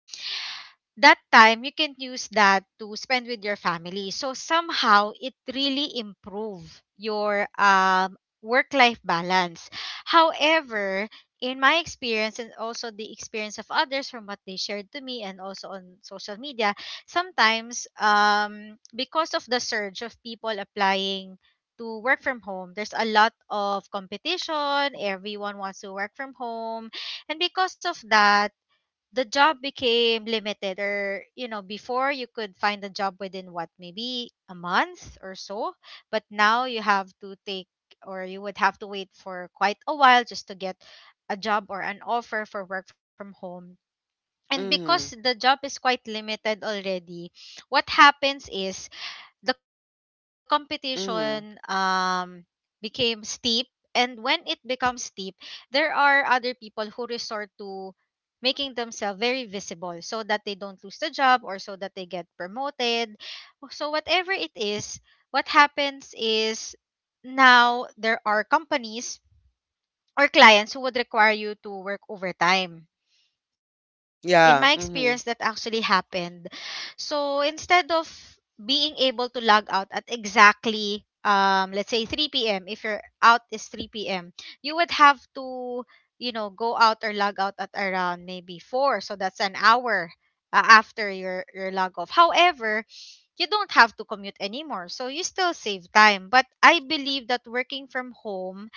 Speaker 2: that time you can use that to spend with your family, so somehow it really improve your work life balance. However, in my experience and also the experience of others from what they shared to me and also on social media, sometimes, because of the surge of people applying to work from home, there's a lot of competition. Everyone wants to work from home, and because of that, the job became limited. Or before, you could find a job within what, maybe a month or so, but now you have to take or you would have to wait for quite a while just to get a job or an offer for work from home. And because
Speaker 1: Mhm.
Speaker 2: the job is quite limited already, what happens is the competition,
Speaker 1: Mhm.
Speaker 2: became steep. And when it becomes steep, there are other people who resort to making themselves very visible so that they don't lose the job or so that they get promoted. So whatever it is, what happens is, now there are companies or clients who would require you to work overtime. In my experience, that
Speaker 1: Yeah.
Speaker 2: actually
Speaker 1: Mhm.
Speaker 2: happened. So instead of being able to log out at exactly, let's say, 3 p.m., if your out is 3 p.m., you would have to, go out or log out at around maybe 4, so that's an hour after your log off. However, you don't have to commute anymore, so you still save time. But I believe that working from home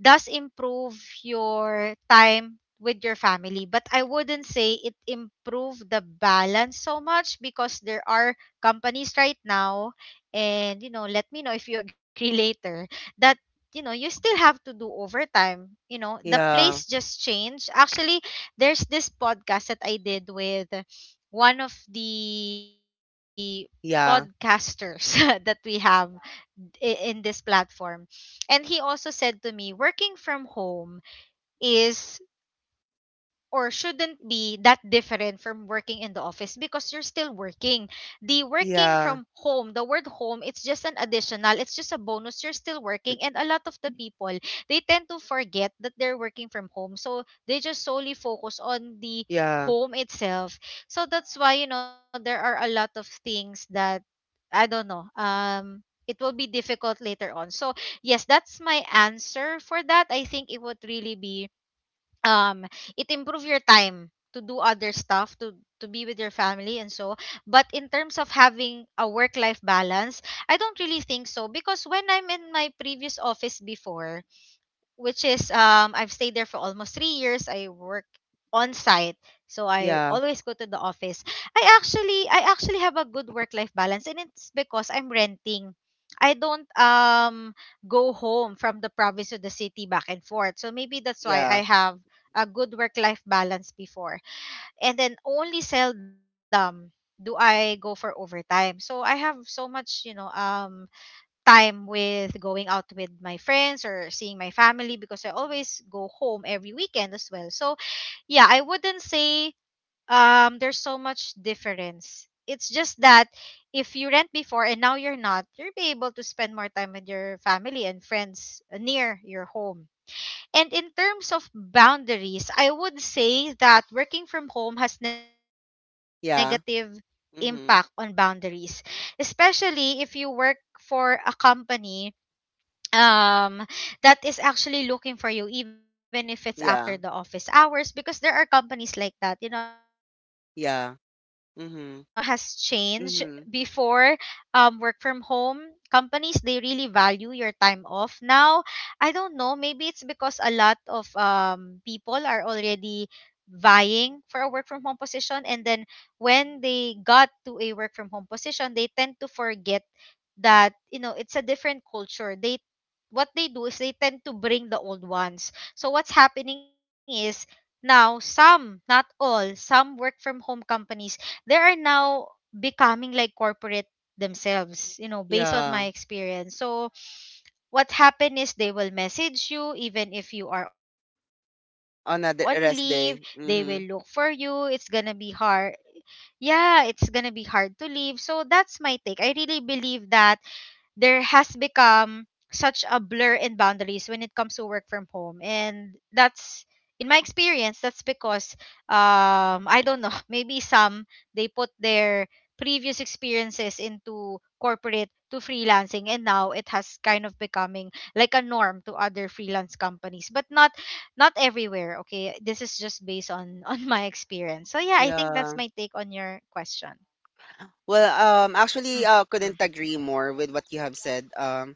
Speaker 2: does improve your time with your family, but I wouldn't say it improved the balance so much because there are companies right now, and let me know if you agree later, that you still have to do overtime. The
Speaker 1: Yeah.
Speaker 2: place just changed actually. There's this podcast that I did with one of the
Speaker 1: Yeah.
Speaker 2: podcasters that we have in this platform, and he also said to me, working from home is or shouldn't be that different from working in the office because you're still working. The working from
Speaker 1: Yeah.
Speaker 2: home, the word home, it's just an additional, it's just a bonus. You're still working. And a lot of the people, they tend to forget that they're working from home. So they just solely focus on the
Speaker 1: Yeah.
Speaker 2: home itself. So that's why, there are a lot of things that, I don't know, it will be difficult later on. So yes, that's my answer for that. I think it would really be, um it improve your time to do other stuff, to be with your family and so, but in terms of having a work life balance, I don't really think so because when I'm in my previous office before, which is, I've stayed there for almost 3 years. I work on site, so I
Speaker 1: Yeah.
Speaker 2: always go to the office. I actually have a good work life balance, and it's because I'm renting. I don't go home from the province to the city back and forth. So maybe that's why I
Speaker 1: Yeah.
Speaker 2: have a good work life balance before. And then only seldom do I go for overtime. So I have so much, time with going out with my friends or seeing my family because I always go home every weekend as well. So yeah, I wouldn't say there's so much difference. It's just that if you rent before and now you're not, you'll be able to spend more time with your family and friends near your home. And in terms of boundaries, I would say that working from home has negative
Speaker 1: Yeah.
Speaker 2: impact on boundaries,
Speaker 1: Mhm.
Speaker 2: especially if you work for a company um that is actually looking for you even if it's after the office hours because there
Speaker 1: Yeah.
Speaker 2: are companies like that. I've been here for 5 years.
Speaker 1: Yeah.
Speaker 2: Unfortunately, the
Speaker 1: Mhm.
Speaker 2: time has changed.
Speaker 1: Mhm.
Speaker 2: Before work from home, companies they really value your time off. Now, I don't know. Maybe it's because a lot of people are already vying for a work from home position, and then when they got to a work from home position, they tend to forget that you know it's a different culture they what they do is they tend to bring the old ones. So what's happening is now some, not all, some work from home companies, they are now becoming like corporate themselves, you know, based on my
Speaker 1: Yeah.
Speaker 2: experience. So what happened is they will message you even if you are on leave, they will
Speaker 1: On a
Speaker 2: look for
Speaker 1: rest
Speaker 2: you.
Speaker 1: day.
Speaker 2: It's going to be
Speaker 1: Mhm.
Speaker 2: hard. Yeah, it's going to be hard to leave. So that's my take. I really believe that there has become such a blur in boundaries when it comes to work from home, and that's in my experience that's because I don't know. Maybe some, they put their previous experiences into corporate to freelancing, and now it has kind of becoming like a norm to other freelance companies, but not not everywhere. Okay, this is just based on on my experience. So yeah, I think that's
Speaker 1: Yeah.
Speaker 2: my take on your question.
Speaker 1: Well, actually
Speaker 2: Mhm.
Speaker 1: couldn't agree more with what you have said.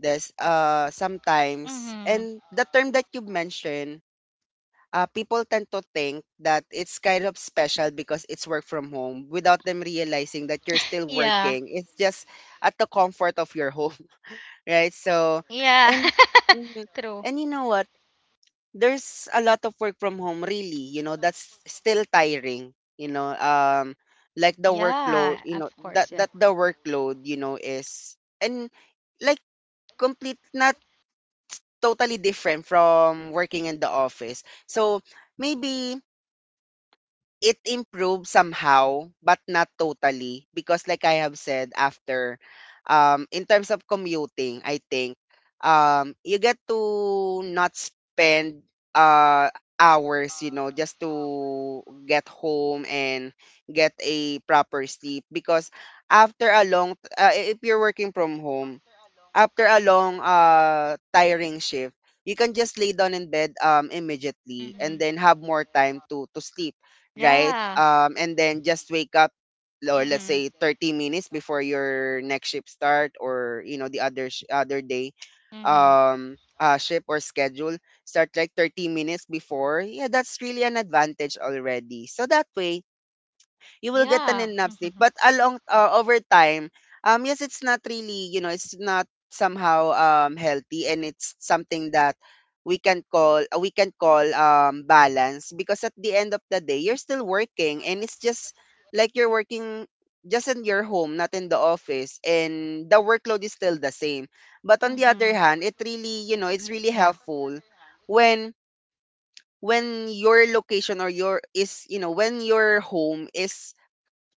Speaker 1: This sometimes
Speaker 2: Mhm.
Speaker 1: and the term that you mentioned, people tend to think that it's kind of special because it's work from home without them realizing that you're still
Speaker 2: Yeah.
Speaker 1: working. It's just at the comfort of your home, right? So,
Speaker 2: Yeah.
Speaker 1: and mhm,
Speaker 2: True.
Speaker 1: and you know what? There's a lot of work from home really, you know, that's still tiring, you know, like the workload, you
Speaker 2: Yeah,
Speaker 1: know,
Speaker 2: of
Speaker 1: that that
Speaker 2: course,
Speaker 1: the
Speaker 2: yeah.
Speaker 1: workload, you know, is and like complete not totally different from working in the office. So maybe it improved somehow, but not totally. Because like I have said after, in terms of commuting, I think you get to not spend uh, hours, you know, just to get home and get a proper sleep. Because after a long, if you're working from home, after a long, tiring shift, you can just lay down in bed,
Speaker 2: Mm-hmm.
Speaker 1: immediately, and then have more time to sleep,
Speaker 2: Yeah.
Speaker 1: right? And then just wake up
Speaker 2: Mm-hmm.
Speaker 1: or let's say 30 minutes before your next shift start, or you know the other day
Speaker 2: Mm-hmm.
Speaker 1: shift or schedule start like 30 minutes before, yeah, that's really an advantage already, so that way you will get
Speaker 2: Yeah.
Speaker 1: an enough
Speaker 2: Mm-hmm.
Speaker 1: sleep. But along over time, yes, it's not really you know it's not somehow healthy, and it's something that we can call balance, because at the end of the day, you're still working, and it's just like you're working just in your home, not in the office, and the workload is still the same. But on
Speaker 2: Mm-hmm.
Speaker 1: the other hand, it really you know
Speaker 2: Yeah.
Speaker 1: it's really helpful when your location or you know when your home is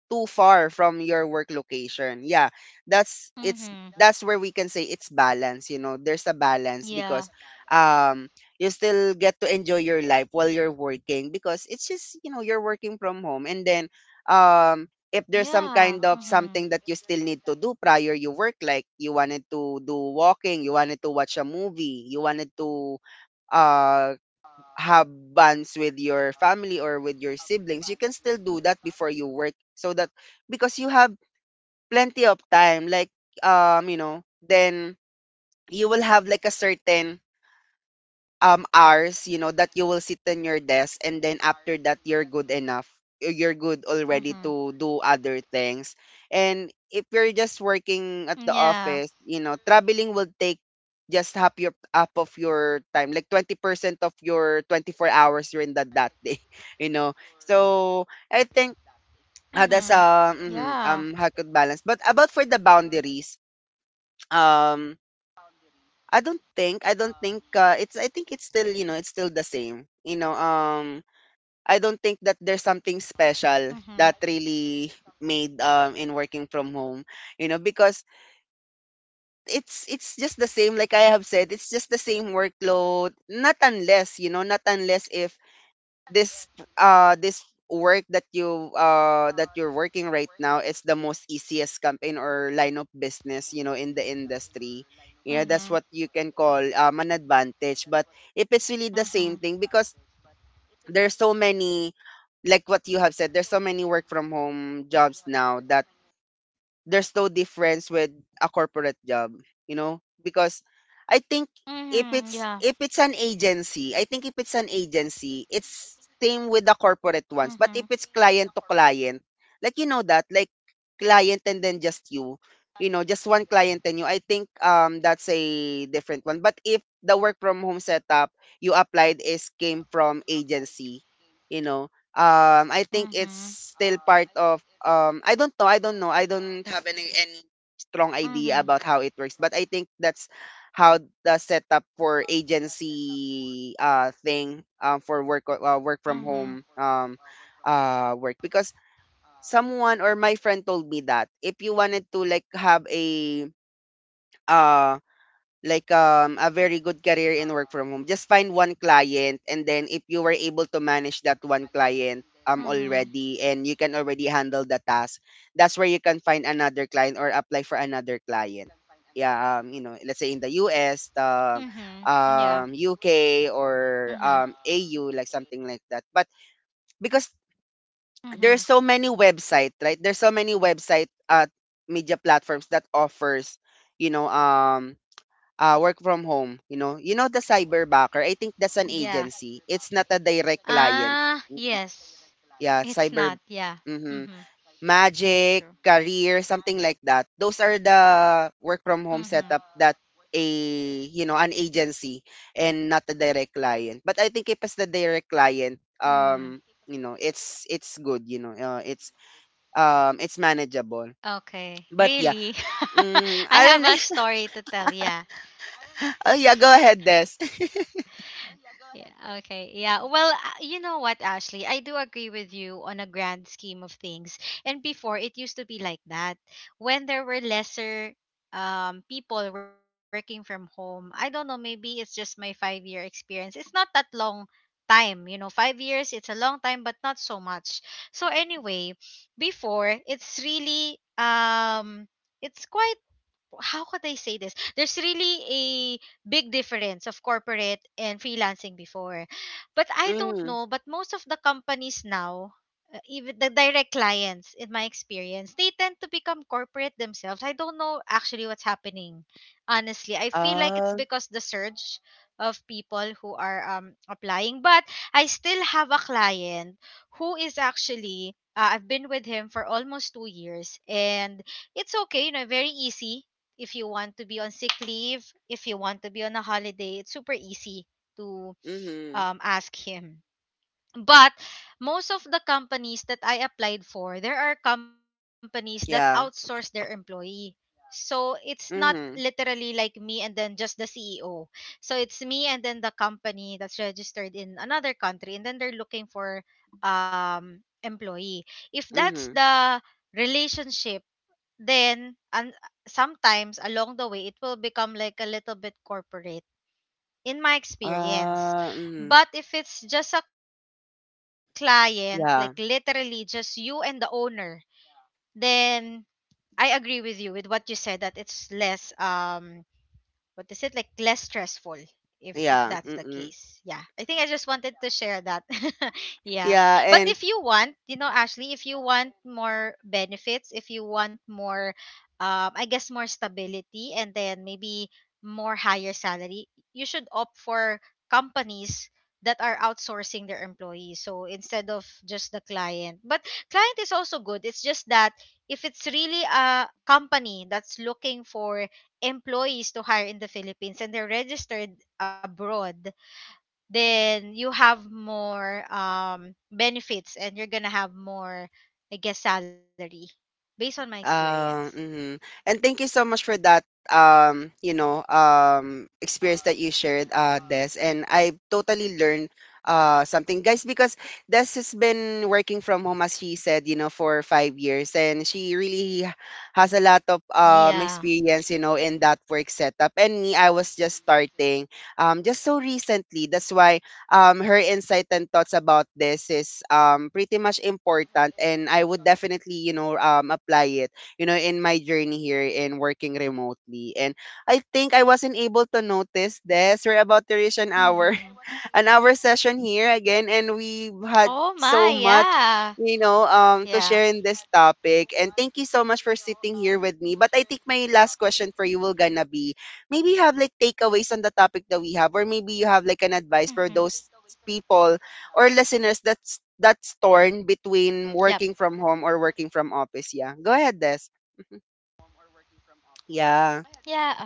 Speaker 1: too far from your work location. Yeah, that's it's that's where we can
Speaker 2: Mm-hmm.
Speaker 1: say it's balance, you know. There's a balance because
Speaker 2: Yeah.
Speaker 1: um you still get to enjoy your life while you're working, because it's just, you know, you're working from home. And then um, if there's some kind
Speaker 2: Yeah.
Speaker 1: of something
Speaker 2: Mm-hmm.
Speaker 1: that you still need to do prior you work, like you wanted to do walking, you wanted to watch a movie, you wanted to uh, have bands with your family or with your siblings, you can still do that before you work. So that because you have plenty of time, like you know, then you will have like a certain hours, you know, that you will sit in your desk, and then after that you're good enough, you're good
Speaker 2: Mm-hmm.
Speaker 1: already to do other things. And if you're just working at the
Speaker 2: Yeah.
Speaker 1: office, you know, traveling will take just half of your time, like 20% of your 24 hours you're in that that day, you know. So I think,
Speaker 2: Mm-hmm.
Speaker 1: that's
Speaker 2: Yeah.
Speaker 1: um, how could balance, but about for the boundaries, um I don't think it's I think it's still you know it's still the same, you know, I don't think that there's something
Speaker 2: Mm-hmm.
Speaker 1: special that really made in working from home, you know, because it's just the same, like I have said, it's just the same workload, not unless you know not unless if this this work that you that you're working right now is the most easiest campaign or line of business you know in the industry.
Speaker 2: Mm-hmm.
Speaker 1: Yeah, that's what you can call an advantage. But if it's really
Speaker 2: Mm-hmm.
Speaker 1: the same thing, because there's so many, like what you have said, there's so many work from home jobs now that there's no difference with a corporate job, you know? Because I think
Speaker 2: Mm-hmm. Yeah.
Speaker 1: if it's an agency, I think if it's an agency, it's same with the corporate ones. But if
Speaker 2: Mm-hmm.
Speaker 1: it's client to client, like you know that, like client and then just you, you know, just one client and you, I think that's a different one. But if the work from home setup you applied is came from agency, you know, I think it's
Speaker 2: Mm-hmm.
Speaker 1: still part of I don't know. I don't have any strong idea about how it
Speaker 2: Mm-hmm.
Speaker 1: works, but I think that's how the setup for agency thing for work work from home
Speaker 2: Mm-hmm.
Speaker 1: work. Because someone or my friend told me that if you wanted to have a um a very good career in work from home, just find one client, and then if you were able to manage that one client
Speaker 2: Mhm.
Speaker 1: already and you can already handle the task, that's where you can find another client or apply for another client. Yeah. You know, let's say in the US, the
Speaker 2: Mhm. Yeah.
Speaker 1: UK, or
Speaker 2: Mhm.
Speaker 1: AU, like something like that. But because
Speaker 2: Mhm.
Speaker 1: there's so many website, right, there's so many website, media platforms that offers, you know um ah, work from home. You know the cyberbacker? I think that's an
Speaker 2: Yeah.
Speaker 1: agency. It's not a direct client.
Speaker 2: Ah,
Speaker 1: Mhm.
Speaker 2: yes.
Speaker 1: Yeah, cyber
Speaker 2: It's not. Yeah.
Speaker 1: mhm.
Speaker 2: Mhm.
Speaker 1: Magic,
Speaker 2: Very true.
Speaker 1: career, something like that. Those are the work from home setup that
Speaker 2: Mhm.
Speaker 1: a, you know, an agency and not a direct client. But I think if it's the direct client,
Speaker 2: Mhm.
Speaker 1: you know, it's good, you know. It's it's manageable.
Speaker 2: Okay.
Speaker 1: But
Speaker 2: Really?
Speaker 1: yeah,
Speaker 2: I
Speaker 1: I
Speaker 2: have a
Speaker 1: don't know.
Speaker 2: story to tell. Yeah.
Speaker 1: Oh yeah, go ahead, Des.
Speaker 2: Yeah, okay. Yeah. Well, you know what, Ashley? I do agree with you on a grand scheme of things. And before, it used to be like that. When there were lesser people working from home, I don't know, maybe it's just my 5-year experience. It's not that long time, you know. 5 years, it's a long time but not so much. So anyway, before, it's really it's quite, how could I say this? There's really a big difference of corporate and freelancing before. But I don't know, but most of the companies now, even the direct clients in my experience, they tend to become corporate themselves. I don't know actually what's happening. Honestly, I feel like it's
Speaker 1: Mm.
Speaker 2: because the surge of people who are applying, but I still have a client who is actually I've been with him for almost 2 years, and it's okay, you know, very easy. If you want to be on sick leave, if you want to be on a holiday, it's super easy to
Speaker 1: Mhm.
Speaker 2: ask him. But most of the companies that I applied for, there are companies that outsource
Speaker 1: Yeah.
Speaker 2: their employee. So it's not
Speaker 1: Mhm.
Speaker 2: literally like me and then just the CEO. So it's me and then the company that's registered in another country, and then they're looking for employee. If that's
Speaker 1: Mhm.
Speaker 2: the relationship, then, and sometimes along the way it will become like a little bit corporate, in my experience.
Speaker 1: Mhm.
Speaker 2: But if it's just a client, like literally just
Speaker 1: Yeah.
Speaker 2: you and the owner, then I agree with you with what you said, that it's less what is it, like less stressful if that's the
Speaker 1: Yeah.
Speaker 2: case.
Speaker 1: Mm-mm.
Speaker 2: Yeah. I think I just wanted to share that. Yeah.
Speaker 1: Yeah,
Speaker 2: But if
Speaker 1: and
Speaker 2: you want, you know, Ashley, if you want more benefits, if you want more, I guess more stability, and then maybe more higher salary, you should opt for companies that are outsourcing their employees. So instead of just the client. But client is also good. It's just that if it's really a company that's looking for employees to hire in the Philippines and they're registered abroad, then you have more benefits, and you're gonna have more, I guess, salary, based on my experience.
Speaker 1: um, mhm. And thank you so much for that you know, experience that you shared, Des. And I totally learned something. Guys, because Des has been working from home, as she said, you know, for 5 years, and she really has a lot of
Speaker 2: Yeah.
Speaker 1: experience, you know, in that work setup. And me, I was just starting just so recently. That's why her insight and thoughts about this is pretty much important, and I would definitely, you know, apply it, you know, in my journey here in working remotely. And I think I wasn't able to notice this. We're about
Speaker 2: Hmm.
Speaker 1: to reach an hour session here again, and
Speaker 2: Oh
Speaker 1: we
Speaker 2: my,
Speaker 1: had
Speaker 2: yeah.
Speaker 1: so much, you
Speaker 2: Yeah.
Speaker 1: know, to share in this topic. And thank you so much for sitting here with me, but I think my last question for you will gonna be, maybe you have like takeaways on the topic that we have, or maybe you have
Speaker 2: Mm-hmm.
Speaker 1: like an advice for those people or listeners that's torn
Speaker 2: Yep.
Speaker 1: between working from home or working from office. Yeah, go ahead, Des. Yeah.
Speaker 2: Yeah, of course.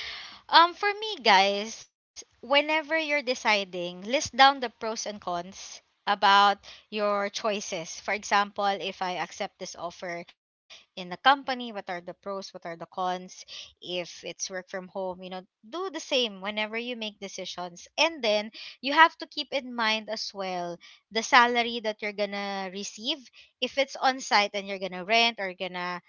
Speaker 2: For me, guys, whenever you're deciding, list down the pros and cons about your choices. For example, if I accept this offer in the company, what are the pros, what are the cons? If it's work from home, you know, do the same whenever you make decisions. And then you have to keep in mind as well the salary that you're gonna receive. If it's on site and you're gonna rent or gonna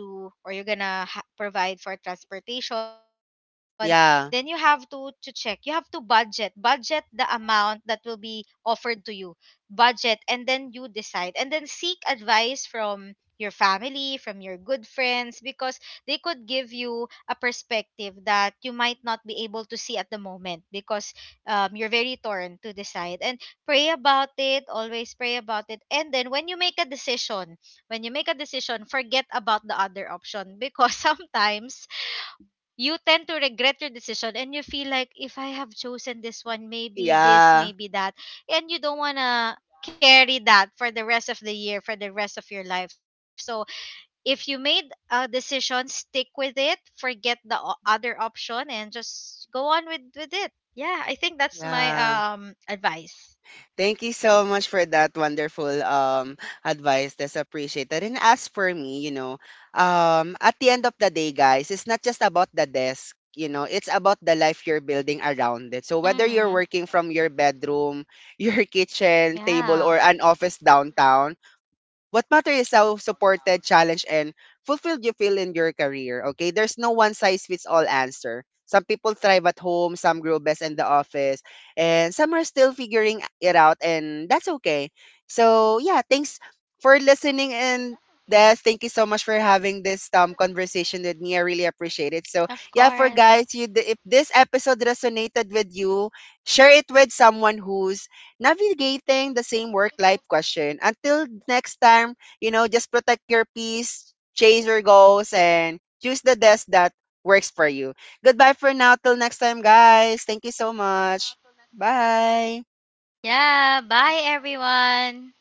Speaker 2: do, or you're gonna provide for transportation, then you have
Speaker 1: Yeah.
Speaker 2: to check, you have to budget, the amount that will be offered to you. Budget, and then you decide, and then seek advice from your family, from your good friends, because they could give you a perspective that you might not be able to see at the moment because you're very torn to decide. And pray about it, always pray about it. And then when you make a decision, forget about the other option, because sometimes you tend to regret your decision and you feel like if I have chosen this one, maybe this,
Speaker 1: Yeah.
Speaker 2: maybe that, and you don't want to carry that for the rest of the year, for the rest of your life. So if you made a decision, stick with it, forget the other option, and just go on with it. Yeah, I think that's my
Speaker 1: Yeah.
Speaker 2: advice.
Speaker 1: Thank you so much for that wonderful advice. That's appreciated. And as for me, you know, at the end of the day, guys, it's not just about the desk, you know, it's about the life you're building around it. So whether you're
Speaker 2: Mm-hmm.
Speaker 1: working from your bedroom, your kitchen table,
Speaker 2: Yeah.
Speaker 1: or an office downtown, what matters is how supported, challenged, and fulfilled you feel in your career. Okay, there's no one size fits all answer. Some people thrive at home, some grow best in the office, and some are still figuring it out, and that's
Speaker 2: Mm-hmm.
Speaker 1: okay. So yeah, thanks for listening. And Des, thank you so much for having this conversation with me. I really
Speaker 2: Of
Speaker 1: appreciate it. So yeah,
Speaker 2: course.
Speaker 1: for guys, you if this episode resonated with you, share it with someone who's navigating the same work life question. Until next time, you know, just protect your peace, chase your goals, and choose the desk that works for you. Goodbye for now. Till next time, guys. Thank you so much. Bye.
Speaker 2: Yeah, bye everyone.